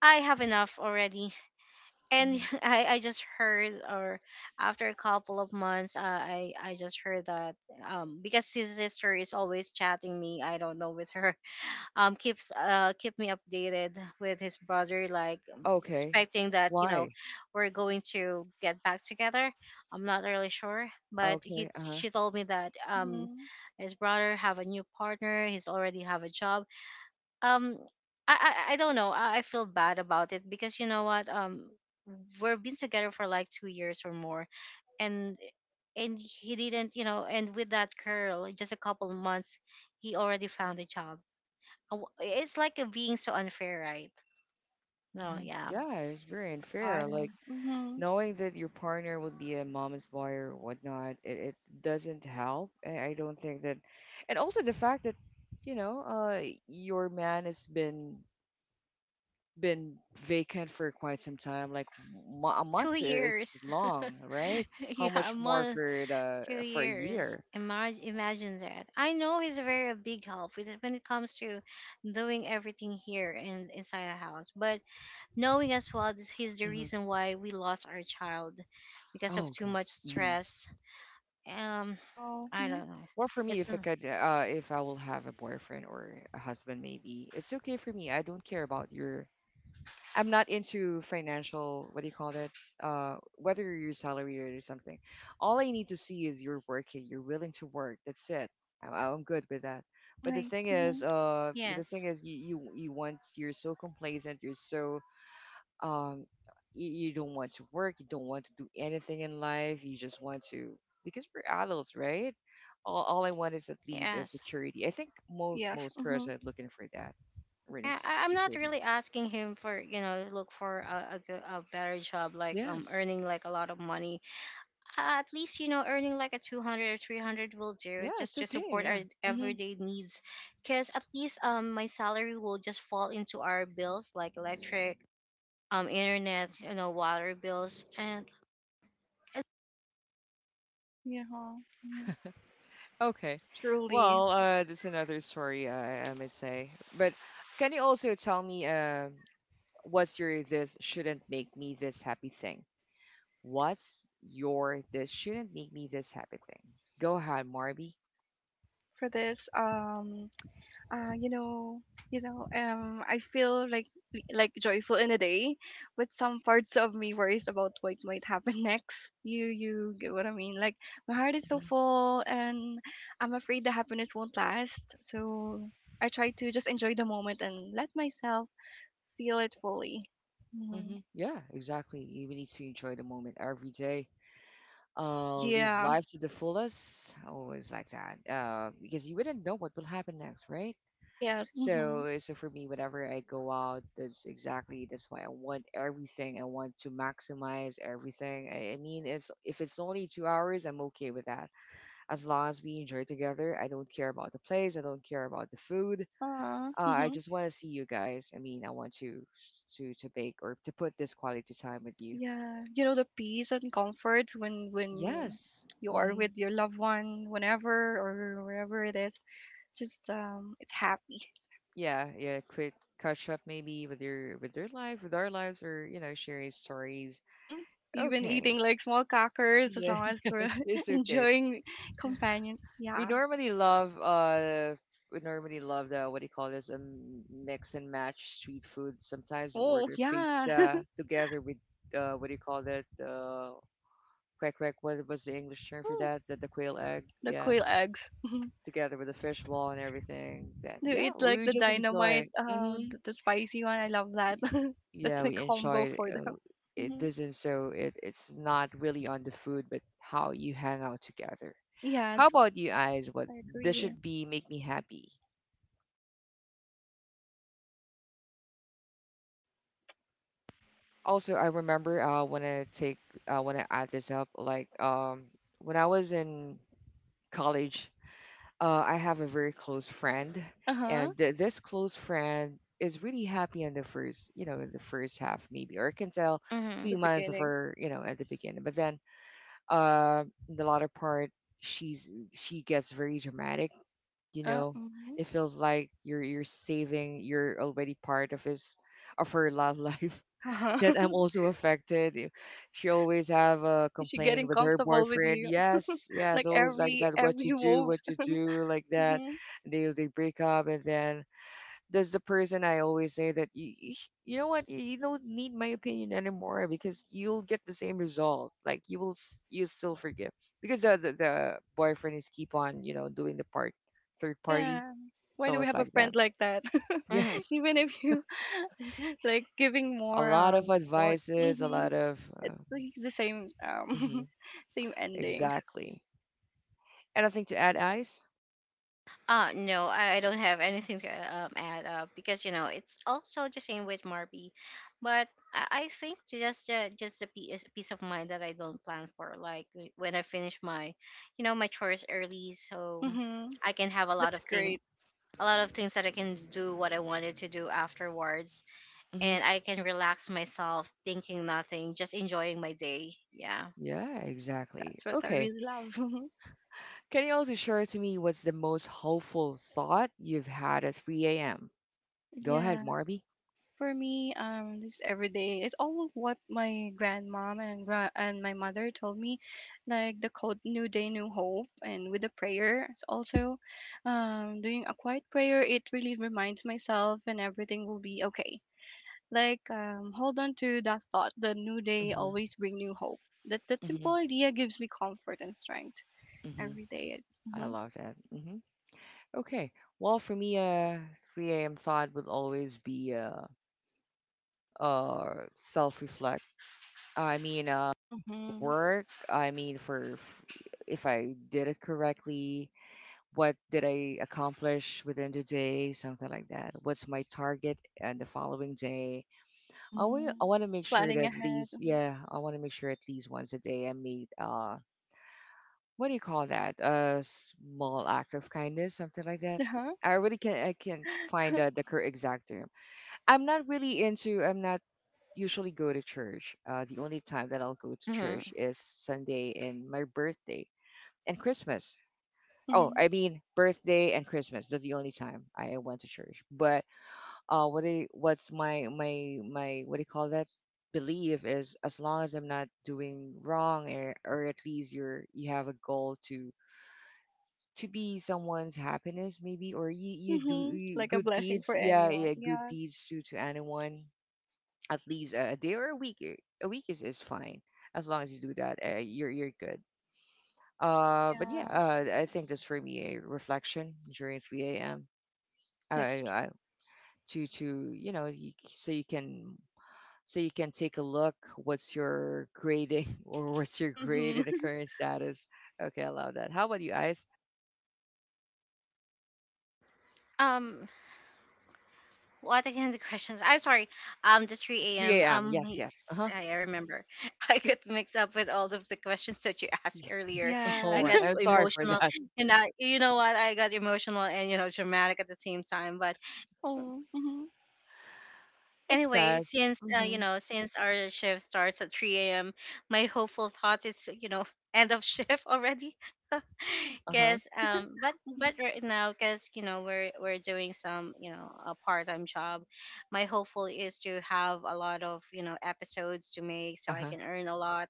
Speaker 3: I have enough already. And
Speaker 1: Hmm.
Speaker 3: [laughs] I just heard or after a couple of months, I just heard that, because his sister is always chatting me, I don't know with her, [laughs] keeps keep me updated with his brother, like
Speaker 1: Okay.
Speaker 3: expecting that, you know,
Speaker 1: Why?
Speaker 3: we're going to get back together. I'm not really sure, but he
Speaker 1: Okay. Uh-huh.
Speaker 3: she told me that
Speaker 2: Mm-hmm.
Speaker 3: his brother have a new partner, he's already have a job. Um I, I i don't know, I feel bad about it, because you know what, we've been together for like 2 years or more. and and he didn't, you know, and with that girl just a couple months, he already found a job. W- it's like a being so unfair, right? No,
Speaker 1: Hmm.
Speaker 3: yeah.
Speaker 1: Yeah, it's very unfair.
Speaker 2: Got it.
Speaker 1: Like
Speaker 2: Mm-hmm.
Speaker 1: knowing that your partner would be a mama's boy or whatnot, it doesn't help. I don't think that, and also the fact that you know, uh, your man has been vacant for quite some time. Like a
Speaker 3: two
Speaker 1: month is
Speaker 3: years
Speaker 1: long, right?
Speaker 3: [laughs]
Speaker 1: How
Speaker 3: yeah, a
Speaker 1: much more
Speaker 3: month.
Speaker 1: for the
Speaker 3: two
Speaker 1: for a
Speaker 3: years
Speaker 1: year?
Speaker 3: imagine that. I know he's a very big help with it when it comes to doing everything here in inside the house, but knowing as well that he's the
Speaker 1: Hmm.
Speaker 3: reason why we lost our child because
Speaker 1: Oh,
Speaker 3: of too
Speaker 1: okay.
Speaker 3: much
Speaker 1: Hmm.
Speaker 3: stress. Um,
Speaker 2: Oh,
Speaker 3: I
Speaker 2: mhm,
Speaker 3: don't know.
Speaker 1: Well, for me,
Speaker 3: It's
Speaker 1: if I will have a boyfriend or a husband, maybe it's okay for me. I don't care about your— I'm not into financial, what do you call it? Whether you're your salary or something. All I need to see is you're working, you're willing to work. That's it. I'm good with that. But the
Speaker 2: nice.
Speaker 1: thing is,
Speaker 2: Mm-hmm.
Speaker 3: yes,
Speaker 1: you you, you want you're so complacent, you're so um, you, you don't want to work, you don't want to do anything in life. You just want to, because we're adults, right? All I want is at least a
Speaker 3: yes.
Speaker 1: security. I think most
Speaker 2: Yes.
Speaker 1: most girls
Speaker 2: Mm-hmm.
Speaker 1: are looking for that, really
Speaker 3: Yeah, I, I'm not
Speaker 1: security.
Speaker 3: really asking him for, you know, look for a, good, a better job, like
Speaker 1: Yes.
Speaker 3: earning like a lot of money. At least, you know, earning like a 200 or 300 will do
Speaker 1: Yeah,
Speaker 3: just
Speaker 1: it's
Speaker 3: to
Speaker 1: okay.
Speaker 3: support
Speaker 1: Yeah.
Speaker 3: our
Speaker 1: Hmm.
Speaker 3: everyday needs. Cause at least my salary will just fall into our bills, like electric, internet, you know, water bills and
Speaker 2: Yeah. Mm-hmm.
Speaker 1: Okay.
Speaker 2: Truly,
Speaker 1: Well, that's another story I might say. But can you also tell me, what's your this shouldn't make me this happy thing? What's your this shouldn't make me this happy thing? Go ahead, Marby.
Speaker 2: for this. You know, I feel like joyful in a day, but some parts of me worries about what might happen [laughs] next. You get what I mean? Like my heart is so full, and I'm afraid the happiness won't last. So I try to just enjoy the moment and let myself feel it fully. Hmm.
Speaker 1: Mm-hmm. Yeah, exactly. You we need to enjoy the moment every day. Live
Speaker 2: Yeah.
Speaker 1: life to the fullest. Always like that. Because you wouldn't know what will happen next, right?
Speaker 2: Yes. Mm-hmm.
Speaker 1: So so for me, whenever I go out, that's exactly that's why I want everything. I want to maximize everything. It's if it's only 2 hours, I'm okay with that. As long as we enjoy together, I don't care about the place. I don't care about the food.
Speaker 2: Aww.
Speaker 1: I
Speaker 2: [laughs]
Speaker 1: just want to see you guys. I mean, I want to to bake or to put this quality time with you.
Speaker 2: Yeah, you know the peace and comfort when
Speaker 1: Yes.
Speaker 2: you are
Speaker 1: Mm-hmm.
Speaker 2: with your loved one, whenever or wherever it is, just it's happy.
Speaker 1: Yeah, yeah. Quick catch up maybe with your life, with our lives, or you know, sharing stories.
Speaker 2: Hmm. Even
Speaker 1: Okay.
Speaker 2: eating like small crackers, as long
Speaker 1: Yes,
Speaker 2: as
Speaker 1: [laughs]
Speaker 2: we're
Speaker 1: yes, it's
Speaker 2: [laughs]
Speaker 1: okay.
Speaker 2: enjoying companion.
Speaker 1: We
Speaker 2: Yeah.
Speaker 1: normally love uh we normally love the what do you call this? A mix and match street food. Sometimes we
Speaker 2: Oh
Speaker 1: order
Speaker 2: yeah. [laughs]
Speaker 1: pizza together with what do you call that? Quack quack, what was the English term for
Speaker 2: Oh,
Speaker 1: that? The quail egg,
Speaker 2: the
Speaker 1: yeah.
Speaker 2: quail eggs.
Speaker 1: Together with the fish ball and everything. That,
Speaker 2: You
Speaker 1: yeah,
Speaker 2: eat like
Speaker 1: we
Speaker 2: the
Speaker 1: just enjoy.
Speaker 2: dynamite,
Speaker 1: Hmm.
Speaker 2: the spicy one. I love that. [laughs] That's
Speaker 1: Yeah,
Speaker 2: my
Speaker 1: we
Speaker 2: combo
Speaker 1: enjoy
Speaker 2: for them.
Speaker 1: it
Speaker 2: Hmm.
Speaker 1: doesn't— so it's not really on the food but how you hang out together. How
Speaker 2: Yes,
Speaker 1: about you guys, what
Speaker 2: I
Speaker 1: this
Speaker 2: agree.
Speaker 1: should be make me happy? Also, I remember I want to take— I want to add this up like, when I was in college, I have a very close friend,
Speaker 2: Uh huh.
Speaker 1: and this close friend is really happy in the first, you know, in the first half, maybe, or I can tell
Speaker 3: Mm-hmm.
Speaker 1: three
Speaker 2: The
Speaker 1: months of
Speaker 2: beginning.
Speaker 1: her, you know, at the beginning. But then, in the latter part, she gets very dramatic, you
Speaker 2: Uh
Speaker 1: know.
Speaker 2: huh.
Speaker 1: It feels like you're— you're saving, you're already part of his— of her love life.
Speaker 2: Uh
Speaker 1: [laughs] That
Speaker 2: huh.
Speaker 1: I'm
Speaker 2: [laughs]
Speaker 1: also affected. She always have a
Speaker 2: Is she
Speaker 1: complaint
Speaker 2: getting
Speaker 1: with her
Speaker 2: comfortable with
Speaker 1: boyfriend,
Speaker 2: you? [laughs]
Speaker 1: yes, yes,
Speaker 2: Like
Speaker 1: always like that. What to
Speaker 2: every
Speaker 1: do,
Speaker 2: move.
Speaker 1: what to do, like that.
Speaker 2: Hmm.
Speaker 1: They break up, and then that's the person I always say that you know what, you don't need my opinion anymore because you'll get the same result. Like you will you still forgive because the boyfriend is keep on, you know, doing the part— third party.
Speaker 2: Yeah. Why
Speaker 1: So
Speaker 2: do we
Speaker 1: it's
Speaker 2: have a
Speaker 1: like that.
Speaker 2: friend
Speaker 1: [laughs]
Speaker 2: like that?
Speaker 3: Mm-hmm.
Speaker 2: [laughs]
Speaker 1: Yes,
Speaker 2: Even if you [laughs] like giving
Speaker 1: a
Speaker 2: more
Speaker 1: lot of
Speaker 2: for
Speaker 1: advices, a
Speaker 2: mm-hmm,
Speaker 1: lot of
Speaker 2: it's like the same
Speaker 1: mhm,
Speaker 2: [laughs] same endings.
Speaker 1: exactly. Anything to add, Ice?
Speaker 3: No, I don't have anything to add up, because you know it's also the same with Marby. But I think just the piece peace of mind that I don't plan for, like w- when I finish my, you know, my chores early, so
Speaker 2: Hmm.
Speaker 3: I can have a lot
Speaker 2: That's
Speaker 3: of thing
Speaker 2: great.
Speaker 3: a lot of things that I can do what I wanted to do afterwards,
Speaker 1: Hmm.
Speaker 3: and I can relax myself, thinking nothing, just enjoying my day. Yeah.
Speaker 1: Yeah, exactly.
Speaker 2: That's what I
Speaker 1: Okay.
Speaker 2: really love. [laughs]
Speaker 1: Can you also share to me what's the most hopeful thought you've had at 3 a.m.? Go ahead,
Speaker 2: Yeah.
Speaker 1: Marby.
Speaker 2: For me, this everyday it's all what my grandmom and my mother told me, like the code "New Day, New Hope" and with the prayer. It's also, doing a quiet prayer. It really reminds myself, and everything will be okay. Like, hold on to that thought. The new day always bring new hope. That that
Speaker 1: Hmm.
Speaker 2: simple idea gives me comfort and strength
Speaker 1: Hmm.
Speaker 2: every day.
Speaker 1: I
Speaker 2: Mm-hmm.
Speaker 1: love that. Hmm. Okay. Well, for me, 3 a.m. thought would always be self-reflect. I mean,
Speaker 2: Mm-hmm.
Speaker 1: work. I mean, if I did it correctly, what did I accomplish within the day, something like that? What's my target and the following day? I want
Speaker 2: Mm-hmm.
Speaker 1: I want to make sure that
Speaker 2: Planning
Speaker 1: at
Speaker 2: ahead.
Speaker 1: least, yeah, I want to make sure at least once a day I made what do you call that? A small act of kindness, something like that.
Speaker 2: Uh
Speaker 1: I really can not— I can't find
Speaker 2: huh.
Speaker 1: the correct exact term. I'm not really into. I'm not usually go to church. The only time that I'll go to
Speaker 3: Mm-hmm.
Speaker 1: church is Sunday and my birthday and Christmas. Oh, I
Speaker 2: [laughs]
Speaker 1: mean birthday and Christmas. That's the only time I went to church. But what I, what's my my my what do you call that? Belief is, as long as I'm not doing wrong, or at least you're— you have a goal to be someone's happiness maybe, or you do
Speaker 2: Mm-hmm.
Speaker 1: you,
Speaker 2: Like a
Speaker 1: good
Speaker 2: blessing
Speaker 1: deeds,
Speaker 2: for
Speaker 1: yeah,
Speaker 2: anyone.
Speaker 1: yeah, good
Speaker 2: Yeah,
Speaker 1: deeds to anyone, at least a day or a week, a week is fine. As long as you do that, you're good. But yeah,
Speaker 2: yeah,
Speaker 1: I think that's for me a reflection during 3 a.m. uh,
Speaker 2: that's true.
Speaker 1: I, to, you know, so you can take a look what's your grading [laughs] or what's your grade
Speaker 2: Mm-hmm.
Speaker 1: in the
Speaker 2: [laughs]
Speaker 1: current status. Okay, I love that. How about you guys?
Speaker 3: Um, what again? The questions. I'm sorry. The three
Speaker 1: 3
Speaker 3: a.m.
Speaker 1: a.m., yes,
Speaker 3: Yes,
Speaker 1: yes, uh-huh.
Speaker 3: I remember. [laughs] I got mixed up with all of the questions that you asked earlier. I
Speaker 1: Oh,
Speaker 2: Yeah.
Speaker 1: I-
Speaker 3: got
Speaker 1: I'm
Speaker 3: so
Speaker 1: sorry for
Speaker 3: emotional,
Speaker 1: that. [laughs]
Speaker 3: and I, you know what, I got emotional and you know dramatic at the same time. But
Speaker 2: [laughs] Oh, mm-hmm,
Speaker 1: It's
Speaker 3: anyway,
Speaker 1: past.
Speaker 3: since you
Speaker 1: Mm-hmm.
Speaker 3: know, since our shift starts at 3 a.m., my hopeful thought is, you know, [laughs] end of shift already. [laughs]
Speaker 1: Uh-huh.
Speaker 3: Cause
Speaker 2: mm-hmm.
Speaker 3: but right now, cause you know we're doing some, you know, a part time job. My hopeful is to have a lot of, you know, episodes to make so I
Speaker 1: Uh-huh.
Speaker 3: can earn a lot.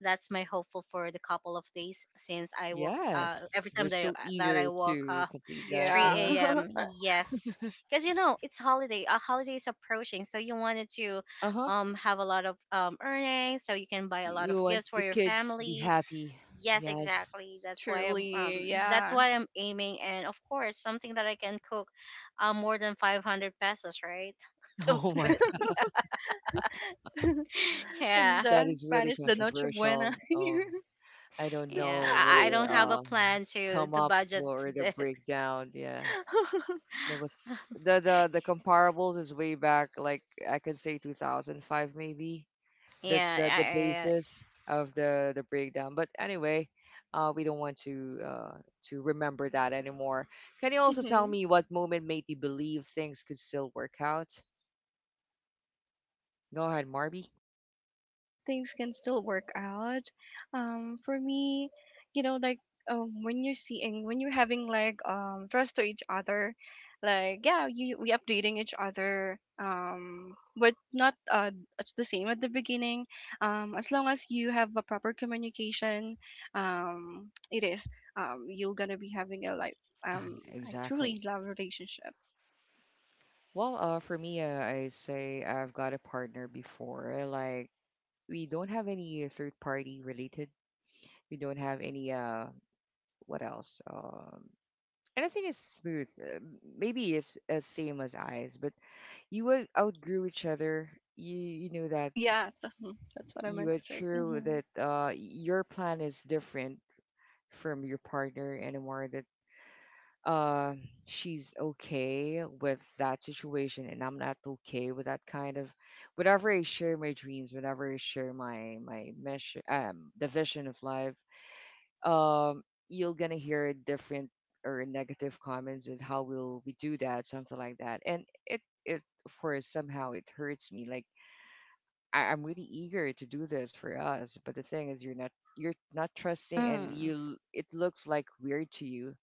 Speaker 3: That's my hopeful for the couple of days, since I woke every
Speaker 1: Yes. We're
Speaker 3: time that
Speaker 1: so
Speaker 3: that I
Speaker 1: eager
Speaker 3: woke
Speaker 1: to
Speaker 3: up
Speaker 1: complete that.
Speaker 2: Yeah,
Speaker 1: Uh-huh.
Speaker 3: 3 a.m.
Speaker 2: [laughs]
Speaker 3: Yes, because you know it's holiday a holiday is approaching, so you wanted to
Speaker 1: Uh-huh.
Speaker 3: have a lot of earnings so you can buy a lot of
Speaker 1: You want
Speaker 3: gifts for
Speaker 1: the
Speaker 3: your
Speaker 1: kids to be
Speaker 3: family.
Speaker 1: happy.
Speaker 3: Yes,
Speaker 1: Yes. [laughs]
Speaker 3: exactly, that's why I'm
Speaker 2: truly,
Speaker 3: that's
Speaker 2: yeah.
Speaker 3: why I'm aiming, and of course something that I can cook more than 500 pesos, right? [laughs] So
Speaker 1: Oh
Speaker 3: but
Speaker 1: my God.
Speaker 3: yeah,
Speaker 2: [laughs] In
Speaker 3: yeah,
Speaker 1: That
Speaker 2: the
Speaker 1: is really
Speaker 2: Spanish, the noche
Speaker 1: controversial.
Speaker 2: buena.
Speaker 1: I don't
Speaker 3: yeah.
Speaker 1: know
Speaker 2: [laughs] My
Speaker 3: I don't
Speaker 1: where
Speaker 3: have
Speaker 2: friend.
Speaker 3: a plan to
Speaker 1: come
Speaker 3: the
Speaker 1: up
Speaker 3: budget
Speaker 1: or the
Speaker 3: that.
Speaker 1: breakdown. Yeah.
Speaker 2: [laughs]
Speaker 1: There was
Speaker 3: [laughs]
Speaker 1: the comparables is way back like I could say 2005 maybe. That's the
Speaker 3: Yeah,
Speaker 1: basis of the breakdown. But anyway, we don't want to remember that anymore. Can you also tell
Speaker 2: Mm-hmm.
Speaker 1: me what moment made you believe things could still work out? Go ahead, Marby.
Speaker 2: Things can still work out. For me, you know, like when you're seeing, when you're having like trust to each other, like yeah, you we updating each other, but not it's the same at the beginning. As long as you have a proper communication, it is you're gonna be having a like
Speaker 1: Ah,
Speaker 2: um a truly
Speaker 1: exactly.
Speaker 2: love relationship.
Speaker 1: Well, for me, I say I've got a partner before, like we don't have any third party related, we don't have any what else anything is smooth. Maybe it's as same as Eyes, but you will outgrow each other. You know that
Speaker 2: Oh yeah, [laughs] that's what I
Speaker 1: you
Speaker 2: meant
Speaker 1: are
Speaker 2: to say.
Speaker 1: true
Speaker 2: Mhm.
Speaker 1: that your plan is different from your partner anymore. That uh she's okay with that situation, and I'm not okay with that kind of. Whenever I share my dreams, whenever I share my my mission, the vision of life, um, you're gonna hear different or negative comments and how will we do that, something like that. And it of course somehow it hurts me like I'm really eager to do this for us. But the thing is, you're not— you're not trusting, and you
Speaker 3: mm,
Speaker 1: it looks like weird to you.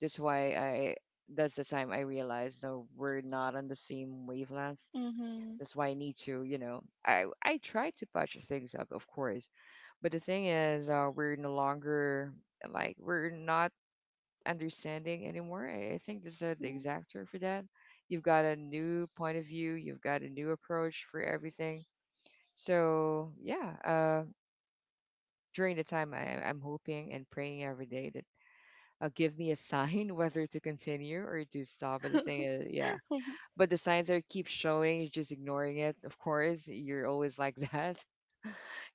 Speaker 1: That's why I— that's the time I realized no, we're not on the same wavelength.
Speaker 2: Mhm.
Speaker 1: That's why I need to, you know, I try to patch things up, of course, but the thing is, we're no longer, like we're not understanding anymore. I think this is the exact term for that. You've got a new point of view. You've got a new approach for everything. So yeah, during the time I'm hoping and praying every day that give me a sign [laughs] whether to continue or to stop. But the thing is, yeah, but the signs are keep showing, you're just ignoring it. Of course, you're always like [laughs] that.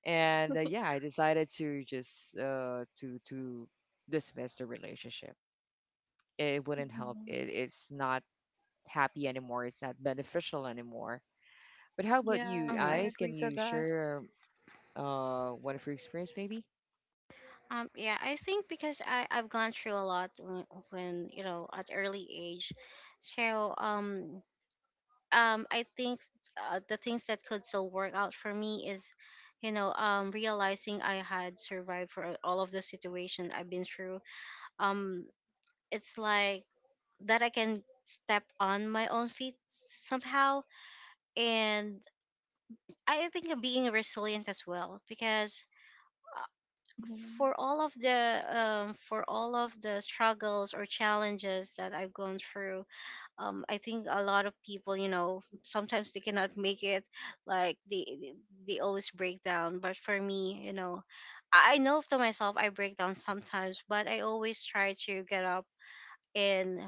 Speaker 1: And yeah, I decided to just to dismiss the relationship. It wouldn't help.
Speaker 2: [laughs]
Speaker 1: It's not happy anymore. It's not beneficial anymore. But how about
Speaker 2: Yes,
Speaker 1: you,
Speaker 2: I
Speaker 3: mm.
Speaker 1: Eyes? Can
Speaker 2: agree to
Speaker 1: you
Speaker 2: that.
Speaker 1: share one of your experience, maybe?
Speaker 3: Yeah, I think because I've gone through a lot when, you know, at early age. So, I think the things that could still work out for me is, you know, realizing I had survived for all of the situation I've been through. Um, it's like that I can step on my own feet somehow. And I think being resilient as well, because
Speaker 2: Mm-hmm.
Speaker 3: for all of the for all of the struggles or challenges that I've gone through, I think a lot of people, you know, sometimes they cannot make it, like they they always break down. But for me, you know, I know to myself I break down sometimes, but I always try to get up and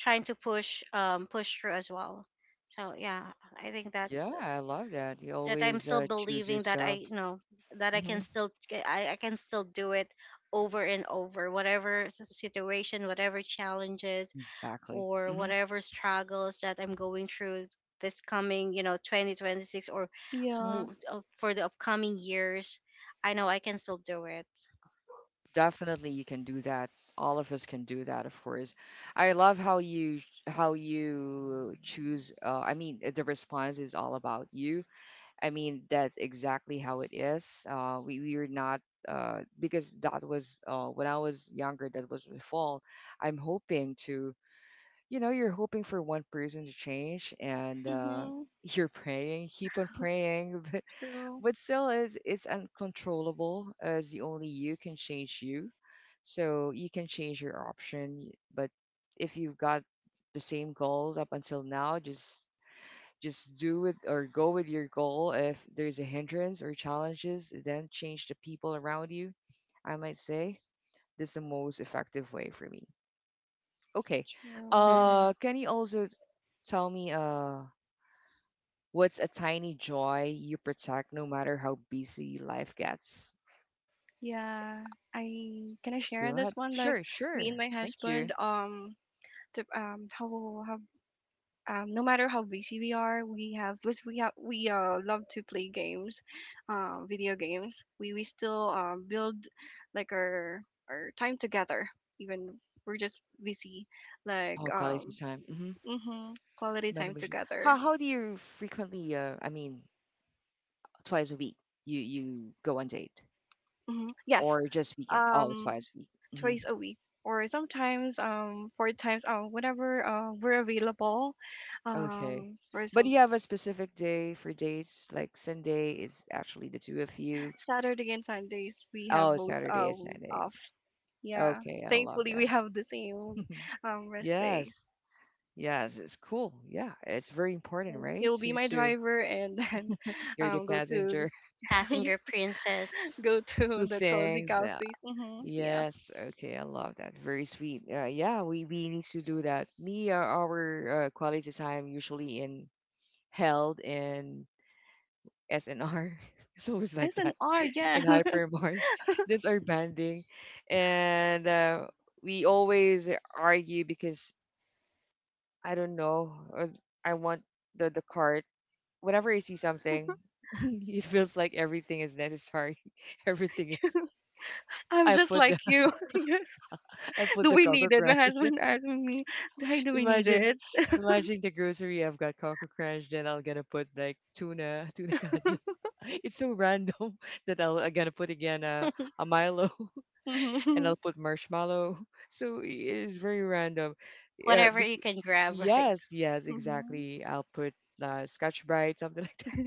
Speaker 3: trying to push push through as well. So yeah, I think that's
Speaker 1: Yeah, I love that. You
Speaker 3: that I'm
Speaker 1: always
Speaker 3: still
Speaker 1: choose
Speaker 3: believing that I,
Speaker 1: yourself.
Speaker 3: you know, that I can
Speaker 1: Hmm
Speaker 3: still I can still do it over and over, whatever situation, whatever challenges
Speaker 1: Exactly.
Speaker 3: or
Speaker 1: hmm
Speaker 3: whatever struggles that I'm going through this coming, you know, 2026 or
Speaker 2: Yeah.
Speaker 3: for the upcoming years, I know I can still do it.
Speaker 1: Definitely, you can do that. All of us can do that, of course. I love how you choose. The response is all about you. I mean, that's exactly how it is. We are not because that was when I was younger. That was the fall. I'm hoping to. You know, you're hoping for one person to change, and
Speaker 2: Mm-hmm.
Speaker 1: [laughs] you're praying. Keep on praying. [laughs]
Speaker 2: True.
Speaker 1: But still, it's uncontrollable as the only you can change you. So you can change your option, but if you've got the same goals up until now, just do it or go with your goal. If there's a hindrance or challenges, then change the people around you. I might say that's the most effective way for me. Okay.
Speaker 2: True.
Speaker 3: Mhm.
Speaker 1: Can you also tell me what's a tiny joy you protect no matter how busy life gets?
Speaker 2: Yeah. I can I share
Speaker 1: Go
Speaker 2: this
Speaker 1: ahead.
Speaker 2: one? Like
Speaker 1: Sure,
Speaker 2: me and
Speaker 1: sure.
Speaker 2: my
Speaker 1: Thank you.
Speaker 2: husband, to, how how no matter how busy we are, we have because we have we love to play games, video games. We still build like our time together even we're just busy, like
Speaker 1: Oh, college time. Mm-hmm.
Speaker 2: mm-hmm, quality time together.
Speaker 1: How do you frequently? I mean, twice a week. You go on date
Speaker 2: Mm-hmm. Yes,
Speaker 1: or just weekend? Oh,
Speaker 2: um
Speaker 1: twice a week. Hmm
Speaker 2: twice a week or sometimes four times whenever we're available
Speaker 1: Okay.
Speaker 2: for
Speaker 1: But do
Speaker 2: some.
Speaker 1: you have a specific day for dates? Like Sunday is actually the two of you.
Speaker 2: Saturday and Sundays we have
Speaker 1: Oh,
Speaker 2: both
Speaker 1: Saturday is Sunday.
Speaker 2: off. Yeah,
Speaker 1: Okay, I love
Speaker 2: thankfully we
Speaker 1: that.
Speaker 2: have the same
Speaker 1: [laughs]
Speaker 2: rest day.
Speaker 1: Yes. Yes, it's cool. Yeah, it's very important,
Speaker 2: Mm,
Speaker 1: right?
Speaker 2: he'll be my
Speaker 1: To
Speaker 2: driver and then [laughs]
Speaker 1: you're the
Speaker 2: go to
Speaker 1: passenger
Speaker 3: Passenger princess.
Speaker 2: go [laughs]
Speaker 1: [laughs]
Speaker 2: to
Speaker 1: who
Speaker 2: the cozy
Speaker 1: sings.
Speaker 2: cafe mm-hmm. Yeah.
Speaker 1: Yes, okay, I love that. Very sweet. Yeah, we need to do that. Me, our quality time usually in held and SNR. [laughs] It's always like that
Speaker 2: SNR
Speaker 1: [laughs]
Speaker 2: yeah.
Speaker 1: in
Speaker 2: [laughs]
Speaker 1: hypermart. [laughs] That's our banding, and we always argue because I don't know. I want the cart. Whenever I see something, [laughs] it feels like everything is necessary. [laughs] Everything is.
Speaker 2: I'm
Speaker 1: I
Speaker 2: just
Speaker 1: put
Speaker 2: like
Speaker 1: the
Speaker 2: you. [laughs]
Speaker 1: [laughs] I put
Speaker 2: Do
Speaker 1: the
Speaker 2: we
Speaker 1: Coco
Speaker 2: need it my
Speaker 1: Crush.
Speaker 2: husband asked me do we need
Speaker 1: Imagine,
Speaker 2: it.
Speaker 1: imagine the grocery. I've got Coco Crunch, then I will gonna put like tuna, tuna cans. [laughs] It's so random [laughs] that I'm gonna put again a
Speaker 3: [laughs]
Speaker 1: Milo [laughs] and I'll
Speaker 2: [laughs]
Speaker 1: put marshmallow. [laughs] So it is very random.
Speaker 3: Whatever
Speaker 1: Bec
Speaker 3: you can grab, right?
Speaker 1: Yes, yes,
Speaker 2: Mhm.
Speaker 1: exactly. I'll put Scotch Brite, something [laughs] like that.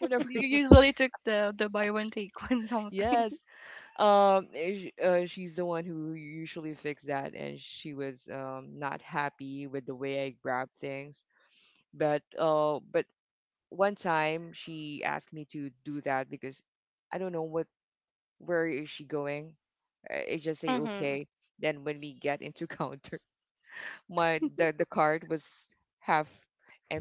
Speaker 1: Whenever
Speaker 2: You
Speaker 1: it's
Speaker 2: usually took the buy one take one something.
Speaker 1: yes, she's the one who usually fixed that, and she was not happy with the way I grab things but one time she asked me to do that because I don't know what where is she going. I just say
Speaker 3: Hmm.
Speaker 1: okay. Then when we get into [laughs] counter, my the card was half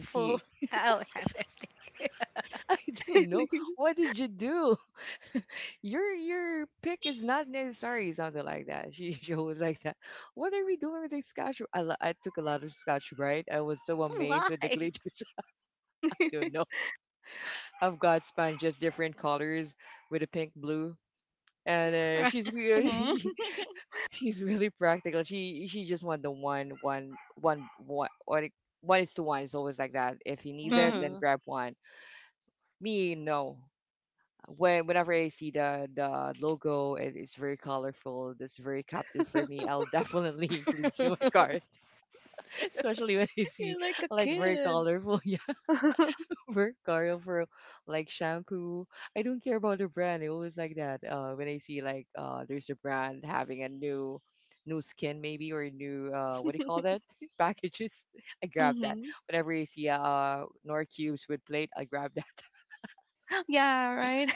Speaker 3: Full. Oh, half empty. [laughs]
Speaker 1: [laughs] I don't know.
Speaker 2: [laughs]
Speaker 1: What did you do? [laughs] Your pick is not necessary. Something like that. [laughs] She was like that. What are we doing with the scotch? I took a lot of scotch right. I was so amazed
Speaker 3: Why?
Speaker 1: with the glitters. [laughs] I don't know. I've got sponges, different colors with a pink blue. And she's
Speaker 3: [laughs]
Speaker 2: Mhm.
Speaker 1: really [laughs] she's really practical. She just want the one one one one is to one. It's always like that. If you need this,
Speaker 2: Mhm.
Speaker 1: then
Speaker 3: Mm-hmm.
Speaker 1: grab one. Me, no. When whenever I see the logo, it is very colorful. That's very captive for me.
Speaker 2: [laughs]
Speaker 1: I'll definitely [laughs] include to my cart,
Speaker 3: [laughs]
Speaker 1: [laughs] especially when I see
Speaker 2: You're like a
Speaker 1: like very
Speaker 2: kid.
Speaker 1: colorful. [laughs]
Speaker 2: [laughs]
Speaker 1: over Carl for like shampoo. I don't care about the brand. I always like that. When I see like there's a brand having a new skin maybe or new what do you call that [laughs] packages? I grab that.
Speaker 2: Mhm.
Speaker 1: Whenever I see Nor cubes with plate, I grab that. [laughs]
Speaker 2: Yeah, right.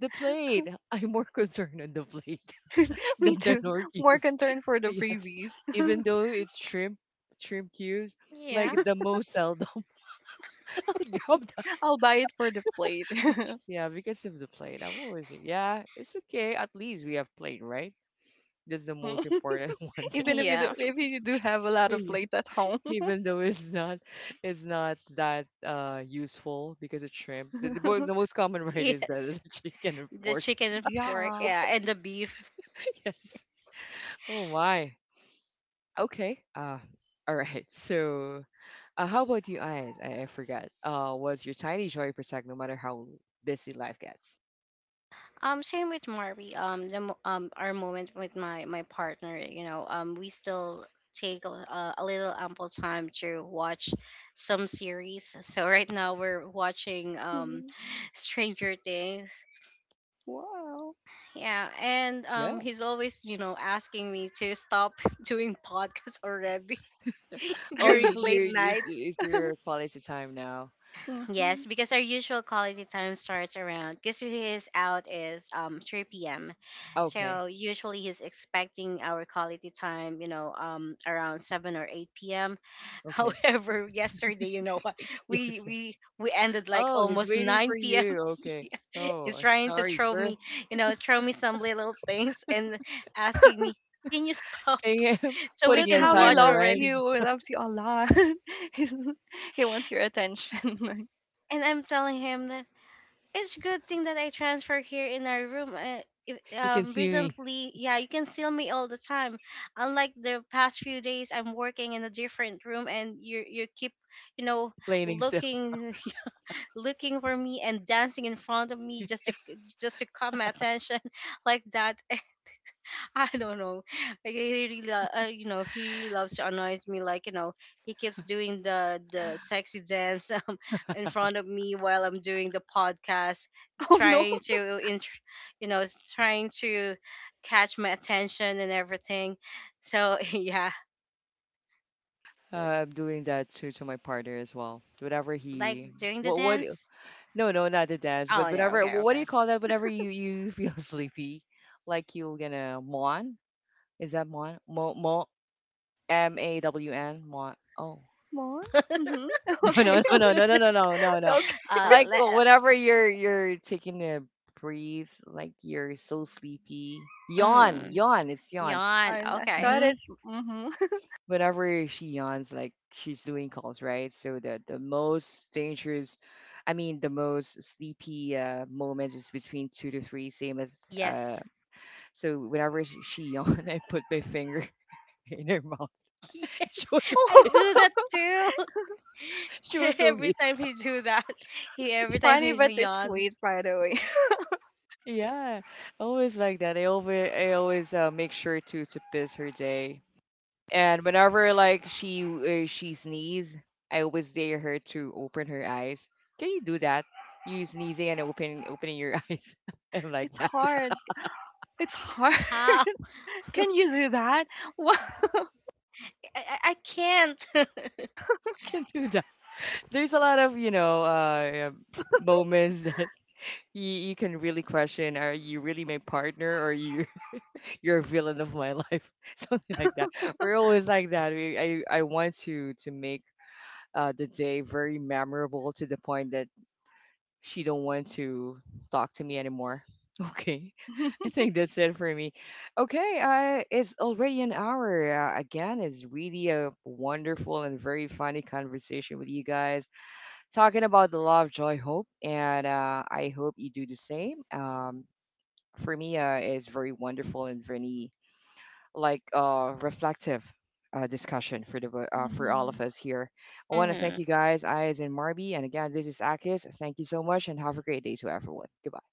Speaker 1: The plate. I'm more concerned on the plate [laughs]
Speaker 2: [laughs] Me
Speaker 1: than the
Speaker 2: too.
Speaker 1: Nor
Speaker 2: More
Speaker 1: cubes.
Speaker 2: concerned for
Speaker 1: [laughs]
Speaker 2: the
Speaker 1: Yes,
Speaker 2: freebies.
Speaker 1: even
Speaker 2: [laughs]
Speaker 1: though it's shrimp cubes,
Speaker 3: Yeah.
Speaker 1: like the most seldom. [laughs] I'll grab
Speaker 2: I'll buy it for the plate. [laughs]
Speaker 1: yeah, because of the plane. I'm always like, yeah, it's okay. At least we have plane, right? That's the most
Speaker 2: Mhm.
Speaker 1: important [laughs]
Speaker 2: [laughs]
Speaker 1: one thing.
Speaker 2: Even
Speaker 3: Yeah.
Speaker 2: if
Speaker 3: [laughs]
Speaker 2: you do have a lot of
Speaker 1: Yeah,
Speaker 2: plates at home.
Speaker 1: even though it's not that useful because of shrimp. The
Speaker 2: [laughs]
Speaker 1: most common [laughs] right is that
Speaker 3: Yes.
Speaker 1: it's [laughs] chicken and
Speaker 3: The
Speaker 1: pork.
Speaker 3: chicken and pork,
Speaker 2: Yeah.
Speaker 3: yeah, and the beef.
Speaker 1: [laughs] Yes. Oh my. Okay. All right. So, how about you, eyes? I forgot. Was your tiny joy protect no matter how busy life gets?
Speaker 3: Same with Mari. The our moment with my partner, you know, we still take a little ample time to watch some series. So right now we're watching
Speaker 2: Mhm.
Speaker 3: Stranger Things.
Speaker 2: Wow.
Speaker 3: Yeah, and
Speaker 1: Yeah.
Speaker 3: he's always, you know, asking me to stop [laughs] doing podcasts already [laughs]
Speaker 1: Oh,
Speaker 3: during
Speaker 1: you you
Speaker 3: late
Speaker 1: you
Speaker 3: nights.
Speaker 1: is your quality time now.
Speaker 3: Yes,
Speaker 2: Mhm.
Speaker 3: because our usual quality time starts around, because his out is 3 p.m.
Speaker 1: Okay.
Speaker 3: So usually he's expecting our quality time, you know, around 7 or 8 p.m. [laughs]
Speaker 1: Okay.
Speaker 3: However, yesterday, you know what,
Speaker 1: Yes.
Speaker 3: we ended like
Speaker 1: Oh, he's
Speaker 3: almost
Speaker 1: waiting for
Speaker 3: 9 p.m.
Speaker 1: you. Okay.
Speaker 3: [laughs]
Speaker 1: Oh,
Speaker 3: He's trying to
Speaker 1: sorry,
Speaker 3: throw
Speaker 1: sir.
Speaker 3: me, you know, throw me some little things and asking
Speaker 2: [laughs]
Speaker 3: me, "Can you stop
Speaker 1: I am
Speaker 3: [laughs]
Speaker 1: [laughs]
Speaker 3: so we
Speaker 1: putting
Speaker 2: That's
Speaker 1: in
Speaker 3: can
Speaker 2: how he
Speaker 3: watch
Speaker 1: timer,
Speaker 2: loves
Speaker 1: right?
Speaker 3: already?"
Speaker 2: you. He loves you a lot. [laughs] He's- he wants your attention. [laughs]
Speaker 3: And I'm telling him that it's good thing that I transfer here in our room. If,
Speaker 1: You can see me
Speaker 3: recently, yeah, you can see me all the time. Unlike the past few days, I'm working in a different room, and you keep, you know,
Speaker 1: complaining still.
Speaker 3: looking [laughs] looking for me and dancing in front of me just to caught my attention [laughs] like that. [laughs] I don't know. Like he really, you know, he really loves to annoy me. Like, you know, he keeps doing the sexy dance [laughs] in front of me while I'm doing the podcast,
Speaker 2: Oh, no?
Speaker 3: trying to, you know, trying to catch my attention and everything. So [laughs] yeah,
Speaker 1: Uh, I'm doing that to my partner as well. Whenever
Speaker 3: like
Speaker 1: he,
Speaker 3: doing the
Speaker 1: what, what?
Speaker 3: dance.
Speaker 1: No, no, not the dance, but
Speaker 3: Oh no,
Speaker 1: whenever.
Speaker 3: okay,
Speaker 1: What do
Speaker 3: okay.
Speaker 1: you call that? Whenever you [laughs] feel sleepy, like you're gonna mon. Is that mon? Mo mo m a w n mon. Oh.
Speaker 2: More? Mhm.
Speaker 1: [laughs]
Speaker 2: [laughs]
Speaker 1: No,
Speaker 2: Okay.
Speaker 1: no, no, no,
Speaker 2: [laughs]
Speaker 1: no,
Speaker 3: [laughs]
Speaker 1: no, no, no, no, no.
Speaker 2: Okay.
Speaker 1: Like
Speaker 3: Let,
Speaker 1: whenever you're taking a breathe, like you're so sleepy, yawn,
Speaker 3: mm,
Speaker 1: yawn. It's yawn.
Speaker 3: yawn.
Speaker 2: Yarn. I
Speaker 3: Okay,
Speaker 2: thought
Speaker 1: Hmm
Speaker 2: it's mhm.
Speaker 1: Whenever she yawns, like she's doing calls, right? So the most dangerous, I mean, the most sleepy moment is between two to three, same as.
Speaker 3: yes,
Speaker 1: So whenever she yawned, [laughs] I put my finger [laughs] in her mouth.
Speaker 3: [laughs]
Speaker 1: [laughs] She
Speaker 3: yes,
Speaker 1: was so
Speaker 3: I
Speaker 1: pissed.
Speaker 3: do that
Speaker 1: [laughs]
Speaker 2: [laughs]
Speaker 1: She
Speaker 3: too.
Speaker 1: was
Speaker 3: [laughs]
Speaker 1: so
Speaker 3: Every
Speaker 1: pissed.
Speaker 3: time he do that, he
Speaker 2: It's
Speaker 3: every time he
Speaker 2: funny, but it's sweet,
Speaker 3: yawns.
Speaker 2: by the way. [laughs]
Speaker 1: Yeah, always like that. I always make sure to piss her day. And whenever like she sneeze, I always dare her to open her eyes. Can you do that? You sneezing and opening your [laughs] eyes. I'm like
Speaker 2: It's
Speaker 1: that.
Speaker 2: hard. It's hard.
Speaker 3: How?
Speaker 2: [laughs]
Speaker 3: [laughs] I,
Speaker 2: Can you do that? [laughs] Wow.
Speaker 3: I can't. [laughs]
Speaker 1: I can do that. There's a lot of you know moments that you can really question: are you really my partner, or you [laughs] you're a villain of my life? [laughs] Something like that. We're always like that. I want to make the day very memorable to the point that she don't want to talk to me anymore. [laughs] Okay, I
Speaker 2: [laughs]
Speaker 1: think that's it for me. Okay, it's already an hour. Again, it's really a wonderful and very funny conversation with you guys, talking about the love, joy, hope, and I hope you do the same. For me, it's very wonderful and very like reflective discussion for the for all of
Speaker 2: Mhm.
Speaker 1: us here. I want to thank you
Speaker 3: Hmm.
Speaker 1: guys, Eyes and Marby, and again, this is Akis. Thank you so much, and have a great day to everyone. Goodbye.